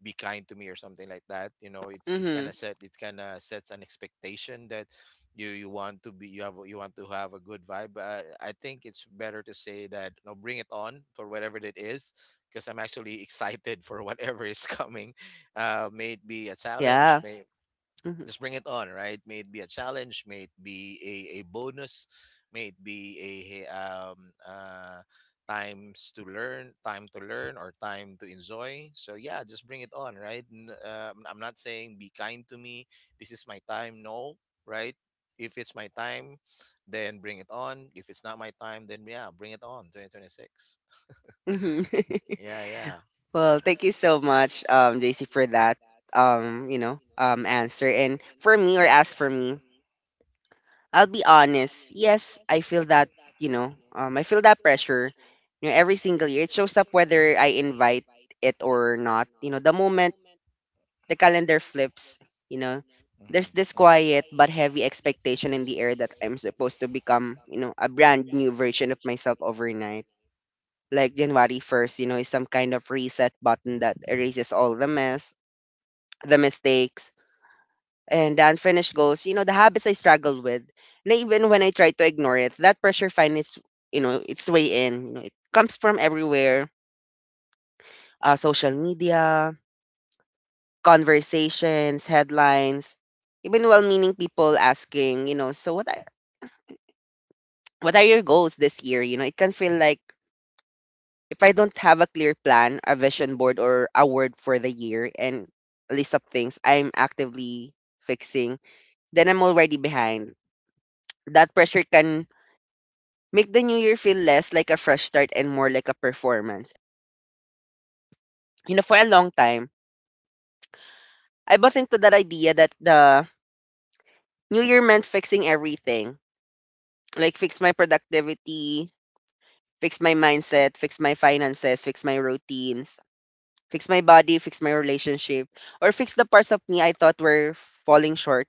Speaker 2: be kind to me or something like that, you know. It's kind
Speaker 1: Mm-hmm.
Speaker 2: of set it kind of sets an expectation that you want to be, you have, you want to have a good vibe. But I think it's better to say that, you know, bring it on for whatever it is. Because I'm actually *laughs* excited for whatever is coming. May it be a challenge,
Speaker 1: Yeah.
Speaker 2: may—
Speaker 1: Mm-hmm.
Speaker 2: just bring it on, right? May it be a challenge, may it be a bonus, may it be a times to learn or time to enjoy. So yeah, just bring it on, right? I'm not saying be kind to me. This is my time, no, right? If it's my time, then bring it on. If it's not my time, then yeah, bring it on. 2026.
Speaker 1: Mm-hmm. *laughs*
Speaker 2: Yeah, yeah.
Speaker 1: Well, thank you so much, JC, for that. Answer and for me or as for me.
Speaker 2: Mm.
Speaker 1: I'll be honest. Yes, I feel that, I feel that pressure, you know, every single year. It shows up whether I invite it or not. You know, the moment the calendar flips, you know, there's this
Speaker 2: Mm-hmm.
Speaker 1: quiet but
Speaker 2: Mm-hmm.
Speaker 1: heavy expectation in the air that I'm supposed to become, you know, a brand new version of myself overnight. Like January 1st, you know, is some kind of reset button that erases all the mess, the mistakes, and the unfinished goals, you know, the habits I struggle with. And even when I try to ignore it, that pressure finds its, you know, its way in. You know, it comes from everywhere. Social media, conversations, headlines, even well-meaning people asking, you know, so what are your goals this year? You know, it can feel like if I don't have a clear plan, a vision board, or a word for the year and a list of things I'm actively fixing, then I'm already behind. That pressure can make the new year feel less like a fresh start and more like a performance. You know, for a long time, I bought into that idea that the new year meant fixing everything. Like fix my productivity, fix my mindset, fix my finances, fix my routines, fix my body, fix my relationship, or fix the parts of me I thought were falling short.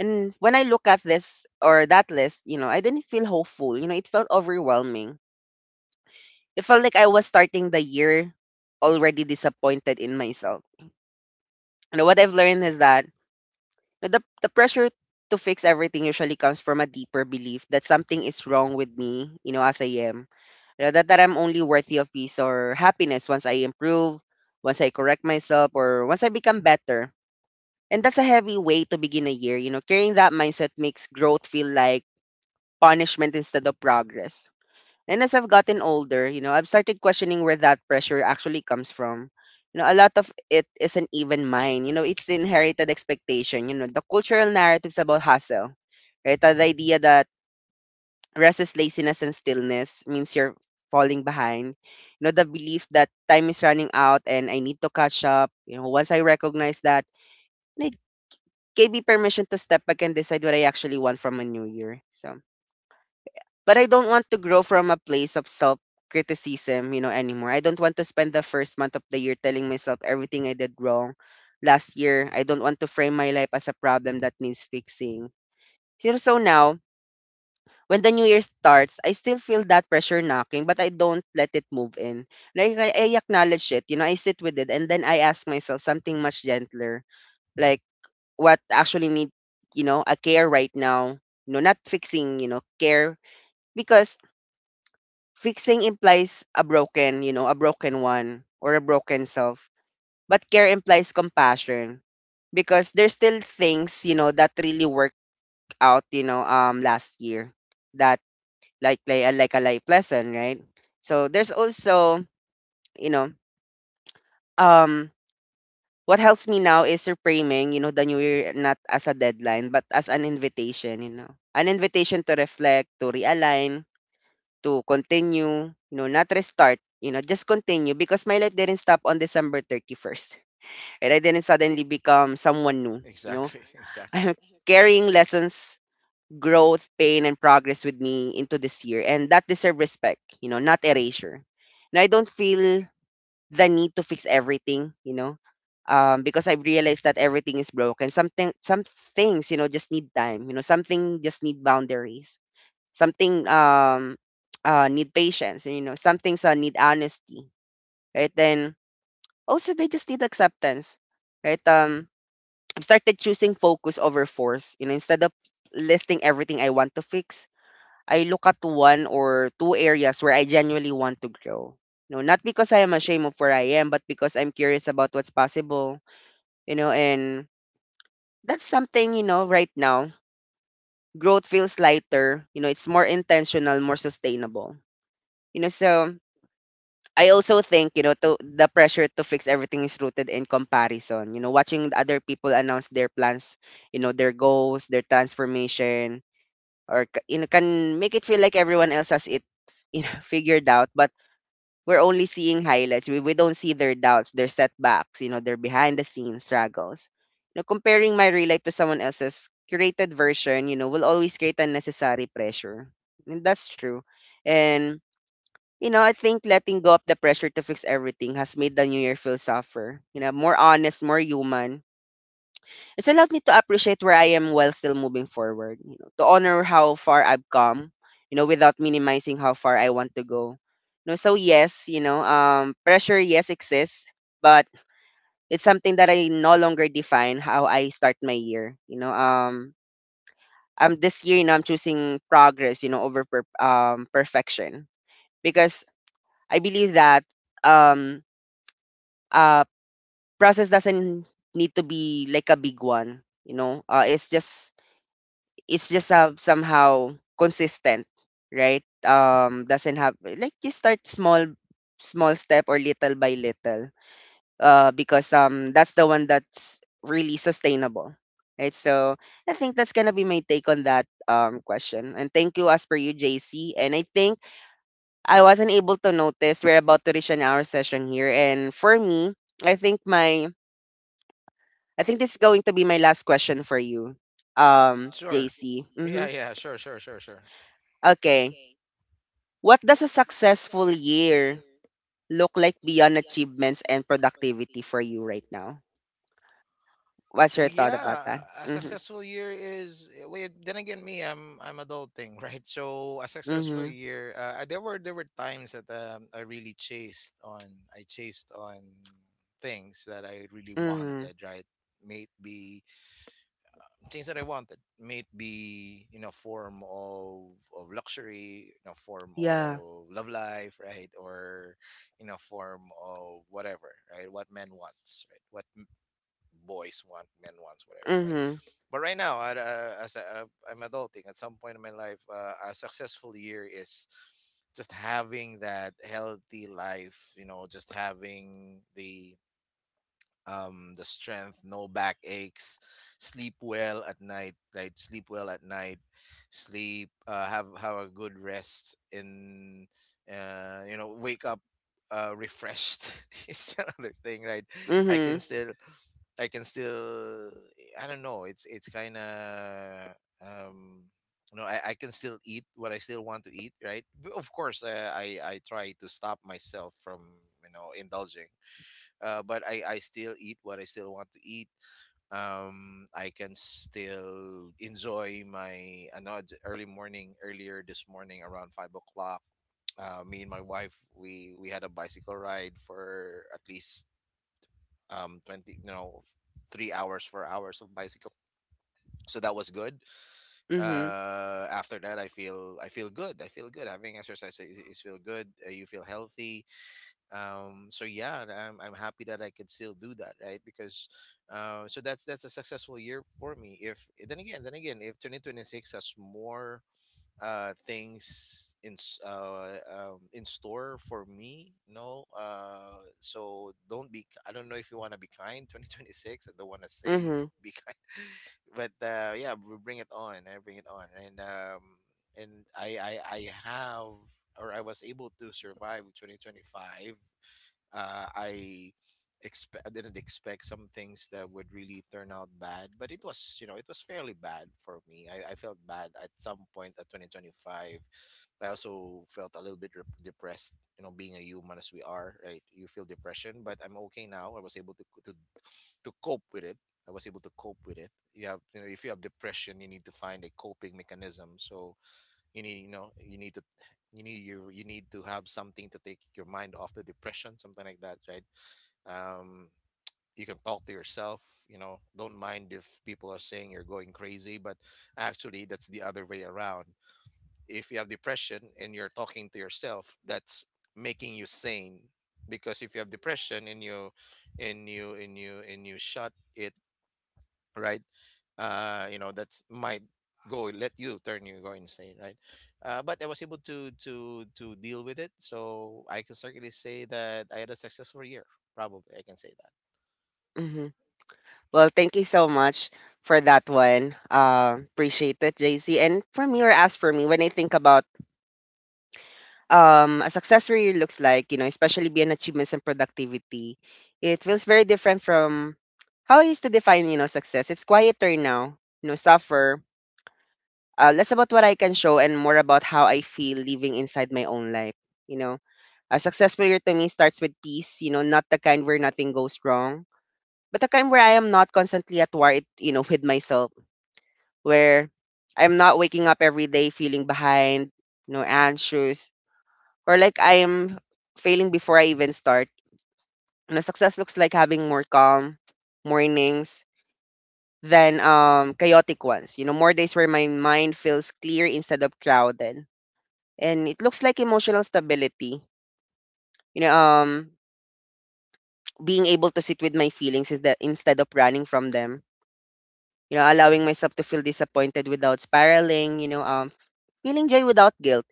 Speaker 1: And when I look at this or that list, you know, I didn't feel hopeful. You know, it felt overwhelming. It felt like I was starting the year already disappointed in myself. And what I've learned is that the pressure to fix everything usually comes from a deeper belief that something is wrong with me, you know, as I am. You know, that I'm only worthy of peace or happiness once I improve, once I correct myself, or once I become better. And that's a heavy way to begin a year. You know, carrying that mindset makes growth feel like punishment instead of progress. And as I've gotten older, you know, I've started questioning where that pressure actually comes from. You know, a lot of it isn't even mine. You know, it's inherited expectation. You know, the cultural narratives about hustle, right? The idea that rest is laziness and stillness means you're falling behind. You know, the belief that time is running out and I need to catch up. You know, once I recognize that, it gave me permission to step back and decide what I actually want from a new year. So but I don't want to grow from a place of self criticism, you know, anymore. I don't want to spend the first month of the year telling myself everything I did wrong last year. I don't want to frame my life as a problem that needs fixing. You know, so now, when the new year starts, I still feel that pressure knocking, but I don't let it move in. Like I acknowledge it, you know, I sit with it and then I ask myself something much gentler. Like what actually need, you know, a care right now. You know, not fixing, you know, care because fixing implies a broken, you know, a broken one or a broken self. But care implies compassion because there's still things, you know, that really worked out, you know, last year that like like a life lesson, right? So there's also, you know, um what helps me now is reframing, you know, the new year not as a deadline, but as an invitation, you know. An invitation to reflect, to realign, to continue, you know, not restart, you know, just continue because my life didn't stop on December 31st. And I didn't suddenly become someone new, you know.
Speaker 2: Exactly. *laughs* know.
Speaker 1: *laughs*
Speaker 2: Exactly.
Speaker 1: I'm carrying lessons, growth, pain, and progress with me into this year. And that deserves respect, you know, not erasure. And I don't feel the need to fix everything, you know, because I've realized that everything is broken. Something, some things, you know, just need time. You know, something just need boundaries, something *tsk* need patience, you know, some things need honesty, right, then also they just need acceptance, right. I've started choosing focus over force, you know, instead of listing everything I want to fix, I look at one or two areas where I genuinely want to grow, you know, not because I am ashamed of where I am but because I'm curious about what's possible, you know. And that's something, you know, right now growth feels lighter, you know, it's more intentional, more sustainable, you know, so I also think, you know, the pressure to fix everything is rooted in comparison. You know, watching the other people announce their plans, you know, their goals, their transformation, you know, can make it feel like everyone else has it, you know, *laughs* figured out. But we're only seeing highlights. We don't see their doubts, their setbacks, you know, their behind the scenes struggles. You know, comparing my real life to someone else's curated version, you know, will always create unnecessary pressure. And that's true. And you know, I think letting go of the pressure to fix everything has made the new year feel softer, you know, more honest, more human. It's allowed me to appreciate where I am while still moving forward to honor how far I've come without minimizing how far I want to go. So yes, pressure, yes, exists, but it's something that I no longer define how I start my year. I'm this year, I'm choosing progress over perfection because I believe that um uh process doesn't need to be like a big one. It's just somehow consistent, right. Doesn't have like you start small, small step or little by little because that's the one that's really sustainable, right. So I think that's gonna be my take on that question. And thank you, as per you, JC. And I wasn't able to notice we're about to reach an hour session here. And for me, i think my I think this is going to be my last question for you,
Speaker 2: Sure.
Speaker 1: JC. Hmm.
Speaker 2: Yeah. Yeah. Sure. Sure. Sure. Sure.
Speaker 1: Okay. What does a successful year look like beyond achievements and productivity for you right now? What's
Speaker 2: Well,
Speaker 1: your thought about
Speaker 2: yeah.
Speaker 1: that?
Speaker 2: A
Speaker 1: Mm-hmm.
Speaker 2: successful year is wait. Then again, me, I'm adulting, *laughs* right? So a successful
Speaker 1: Mm-hmm.
Speaker 2: year. There were times that I really chased on. I chased on things that I really
Speaker 1: Mm-hmm.
Speaker 2: wanted, right? Maybe things that I wanted may it be in a form of luxury, in a form
Speaker 1: Yeah.
Speaker 2: of love life, right, or in a form of whatever, right? What men wants, right? Boys want, men wants, whatever, right?
Speaker 1: Mm-hmm.
Speaker 2: But right now, I'm adulting, at some point in my life, a successful year is just having that healthy life, you know, just having the strength, no backaches, sleep well at night, like sleep well at night, sleep, have a good rest, and you know, wake up refreshed *laughs* is another thing, right? i can
Speaker 1: Mm-hmm.
Speaker 2: still i can still I don't know, it's kind of um you know, I can still eat what I still want to eat, right? But of course, I try to stop myself from, you know, indulging, but I still eat what I still want to eat. I can still enjoy my, I know it's early morning, earlier this morning, around 5 o'clock. Me and my wife, we had a bicycle ride for at least twenty, you know, 3 hours, 4 hours of bicycle. So that was good.
Speaker 1: Mm-hmm.
Speaker 2: Uh, after that, I feel good. I feel good, having exercise is feel good. Uh, you feel healthy. Um, so yeah, I'm happy that I could still do that, right? Because, uh, so that's a successful year for me. If then again, then again, if 2026 has more things in store for me, no. Uh, so don't be, I don't know if you want to be kind, 2026, I don't want to say
Speaker 1: Mm-hmm.
Speaker 2: be kind, *laughs* but uh, yeah we bring it on. I bring it on. And I have, or I was able to survive 2025. I expect, I didn't expect some things that would really turn out bad, but it was, you know, it was fairly bad for me. I felt bad at some point at 2025. I also felt a little bit depressed. You know, being a human as we are, right? You feel depression, but I'm okay now. I was able to cope with it. I was able to cope with it. You have, you know, if you have depression, you need to find a coping mechanism. So you need, you know, you need to, you need to have something to take your mind off the depression, something like that, right? Um, you can talk to yourself, you know, don't mind if people are saying you're going crazy, but actually that's the other way around. If you have depression and you're talking to yourself, that's making you sane. Because if you have depression and you and you shut it, right? You know, that's might go let you turn, you go insane, right? But I was able to deal with it, so I can certainly say that I had a successful year. Probably, I can say that.
Speaker 1: Mm-hmm. Well, thank you so much for that one. Appreciate it, JC. And for me, or as for me, when I think about a success really looks like especially beyond achievements and productivity, it feels very different from how I used to define success. It's quieter now suffer, less about what I can show and more about how I feel living inside my own life, you know. A successful year to me starts with peace not the kind where nothing goes wrong, but the kind where I am not constantly at war, it with myself, where I'm not waking up every day feeling behind anxious, or like I am failing before I even start. Success looks like having more calm mornings than chaotic ones. More days where my mind feels clear instead of crowded. And it looks like emotional stability. You know, um being able to sit with my feelings is that instead of running from them. Allowing myself to feel disappointed without spiraling. Feeling joy without guilt.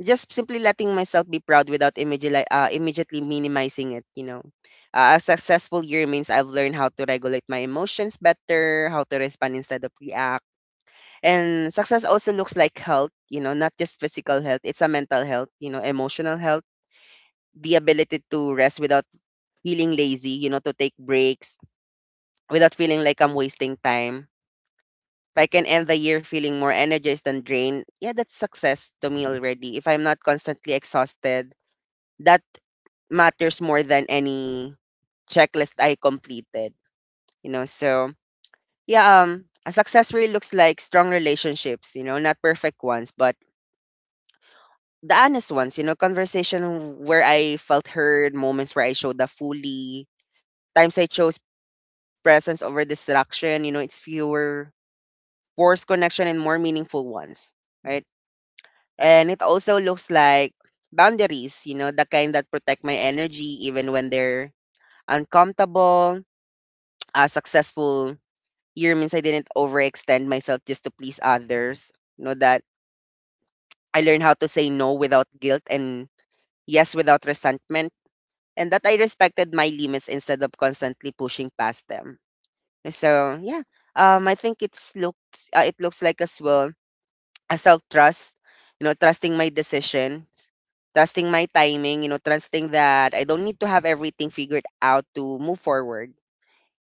Speaker 1: Just simply letting myself be proud without immediately minimizing it. A successful year means I've learned how to regulate my emotions better, how to respond instead of react. And success also looks like health not just physical health, it's a mental health emotional health, the ability to rest without feeling lazy to take breaks without feeling like I'm wasting time. If I can end the year feeling more energized than drained, yeah, that's success to me already. If I'm not constantly exhausted, that matters more than any checklist I completed. So yeah, a success really looks like strong relationships. Not perfect ones, but the honest ones. Conversation where I felt heard, moments where I showed up fully, times I chose presence over distraction. It's fewer forced connection and more meaningful ones. Right? And it also looks like boundaries the kind that protect my energy even when they're uncomfortable. A successful year means I didn't overextend myself just to please others. That I learned how to say no without guilt and yes without resentment. And that I respected my limits instead of constantly pushing past them. So yeah, I think it's looked. It looks like as well a self trust, trusting my decisions, trusting my timing trusting that I don't need to have everything figured out to move forward.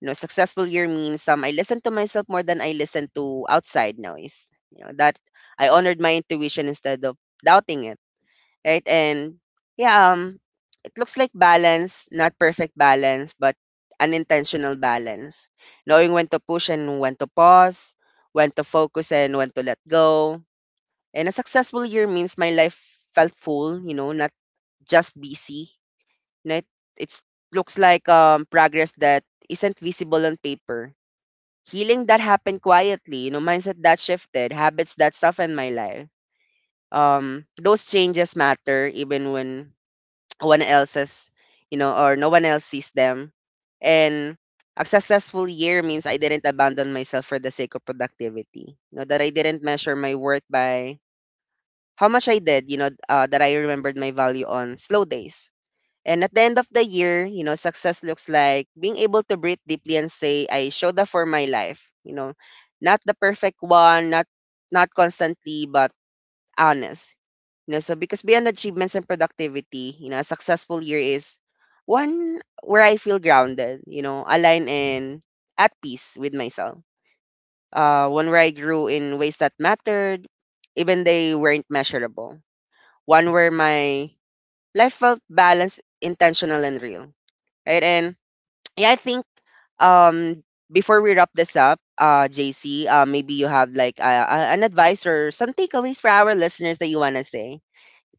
Speaker 1: Successful year means I listen to myself more than I listen to outside noise. That I honored my intuition instead of doubting it. Right. And yeah, it looks like balance, not perfect balance, but unintentional balance. Knowing when to push and when to pause, when to focus and when to let go. And a successful year means my life felt full not just busy. Right? It's looks like progress that isn't visible on paper. Healing that happened quietly mindset that shifted, habits that softened my life. Those changes matter even when no one else is or no one else sees them. And a successful year means I didn't abandon myself for the sake of productivity. That I didn't measure my worth by how much I did, that I remembered my value on slow days. And at the end of the year success looks like being able to breathe deeply and say, I showed up for my life not the perfect one, not constantly, but honest. So because beyond achievements and productivity a successful year is one where I feel grounded aligned and at peace with myself. One where I grew in ways that mattered, even they weren't measurable. One where my life felt balanced, intentional, and real. Right? And yeah, I think um before we wrap this up, JC, maybe you have like an advice or some takeaways for our listeners that you wanna say.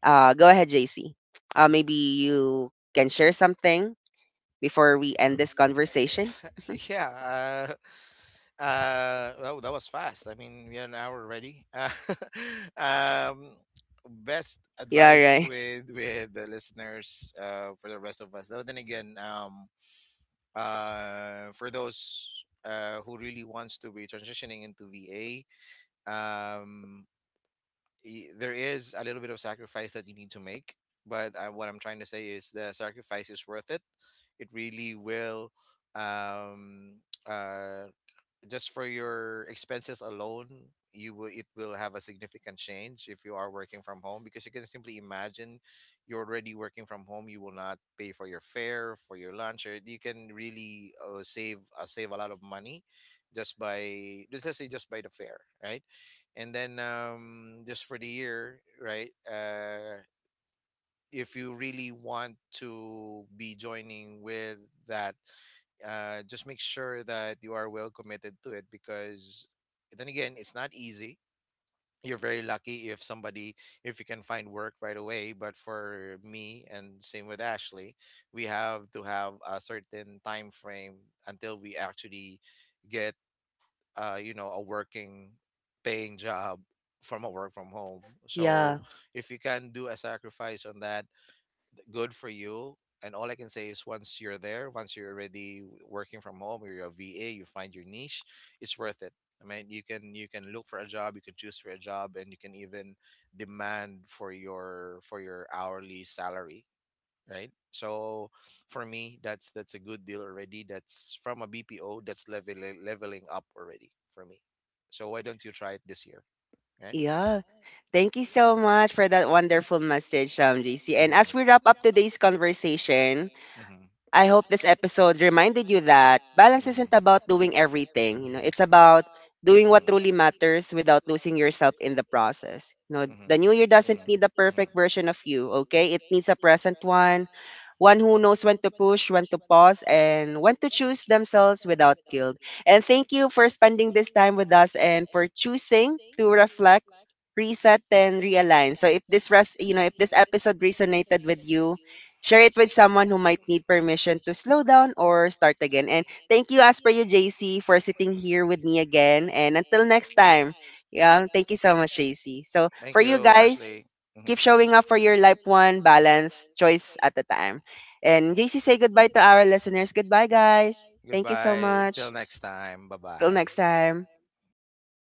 Speaker 1: Go ahead, JC. Maybe you can share something before we end this conversation. Mhm.
Speaker 2: Conversation. *laughs* Yeah. Uh, well, that was fast. I mean, we had an hour already. *laughs* Um, Best, yeah,
Speaker 1: Yeah,
Speaker 2: advice, yeah, yeah,
Speaker 1: right.
Speaker 2: with the listeners, for the rest of us. Though then again, for those who really wants to be transitioning into VA, um, there is a little bit of sacrifice that you need to make. But what I'm trying to say is the sacrifice is worth it. It really will, um, uh, just for your expenses alone, you will it will have a significant change. If you are working from home, because you can simply imagine, you're already working from home, you will not pay for your fare, for your lunch, or you can really, save a lot of money just by, just let's say, just by the fare, right? And then um, just for the year, right? Uh, if you really want to be joining with that, just make sure that you are well committed to it, because then again, it's not easy. You're very lucky if somebody, if you can find work right away. But for me, and same with Ashley, we have to have a certain time frame until we actually get, you know, a working paying job from a work from home. So
Speaker 1: Yeah,
Speaker 2: if you can do a sacrifice on that, good for you. And all I can say is once you're there, once you're already working from home, or you're a VA, you find your niche, it's worth it. I mean, you can look for a job, you can choose for a job, and you can even demand for your hourly salary, right? So for me, that's a good deal already. That's from a BPO. That's level, leveling up already for me. So why don't you try it this year, right? Thank,
Speaker 1: yeah. Thank you so much for that wonderful message, JC. And as we wrap
Speaker 2: mm-hmm.
Speaker 1: up today's conversation,
Speaker 2: Mm-hmm. Mm-hmm.
Speaker 1: I hope this episode reminded you that balance isn't about doing everything. It's about doing what
Speaker 2: Mm-hmm.
Speaker 1: truly
Speaker 2: Mhm,
Speaker 1: matters without losing yourself in the process. The
Speaker 2: mhm,
Speaker 1: new year doesn't
Speaker 2: mhm,
Speaker 1: need the perfect
Speaker 2: mhm.
Speaker 1: version of you, okay? It needs a present one, one who knows when to push, when to pause, and when to choose themselves without guilt. And thank you for spending this time with us and for choosing to reflect, reset, and realign. So if this res- you know if this episode resonated with you, share it with someone who might need permission to slow down or start again. And thank you, as per you, JC, for sitting here with me again. And until next time, yeah, thank you so much, JC. So
Speaker 2: Thank
Speaker 1: for you
Speaker 2: you, guys.
Speaker 1: guys,
Speaker 2: Mhm.
Speaker 1: keep showing up for your life one balance choice at a time. And JC, say goodbye to our listeners. Goodbye, guys. Thank you so
Speaker 2: Goodbye.
Speaker 1: much.
Speaker 2: Time.
Speaker 1: Till
Speaker 2: Bye,
Speaker 1: next time.
Speaker 2: time. Bye bye.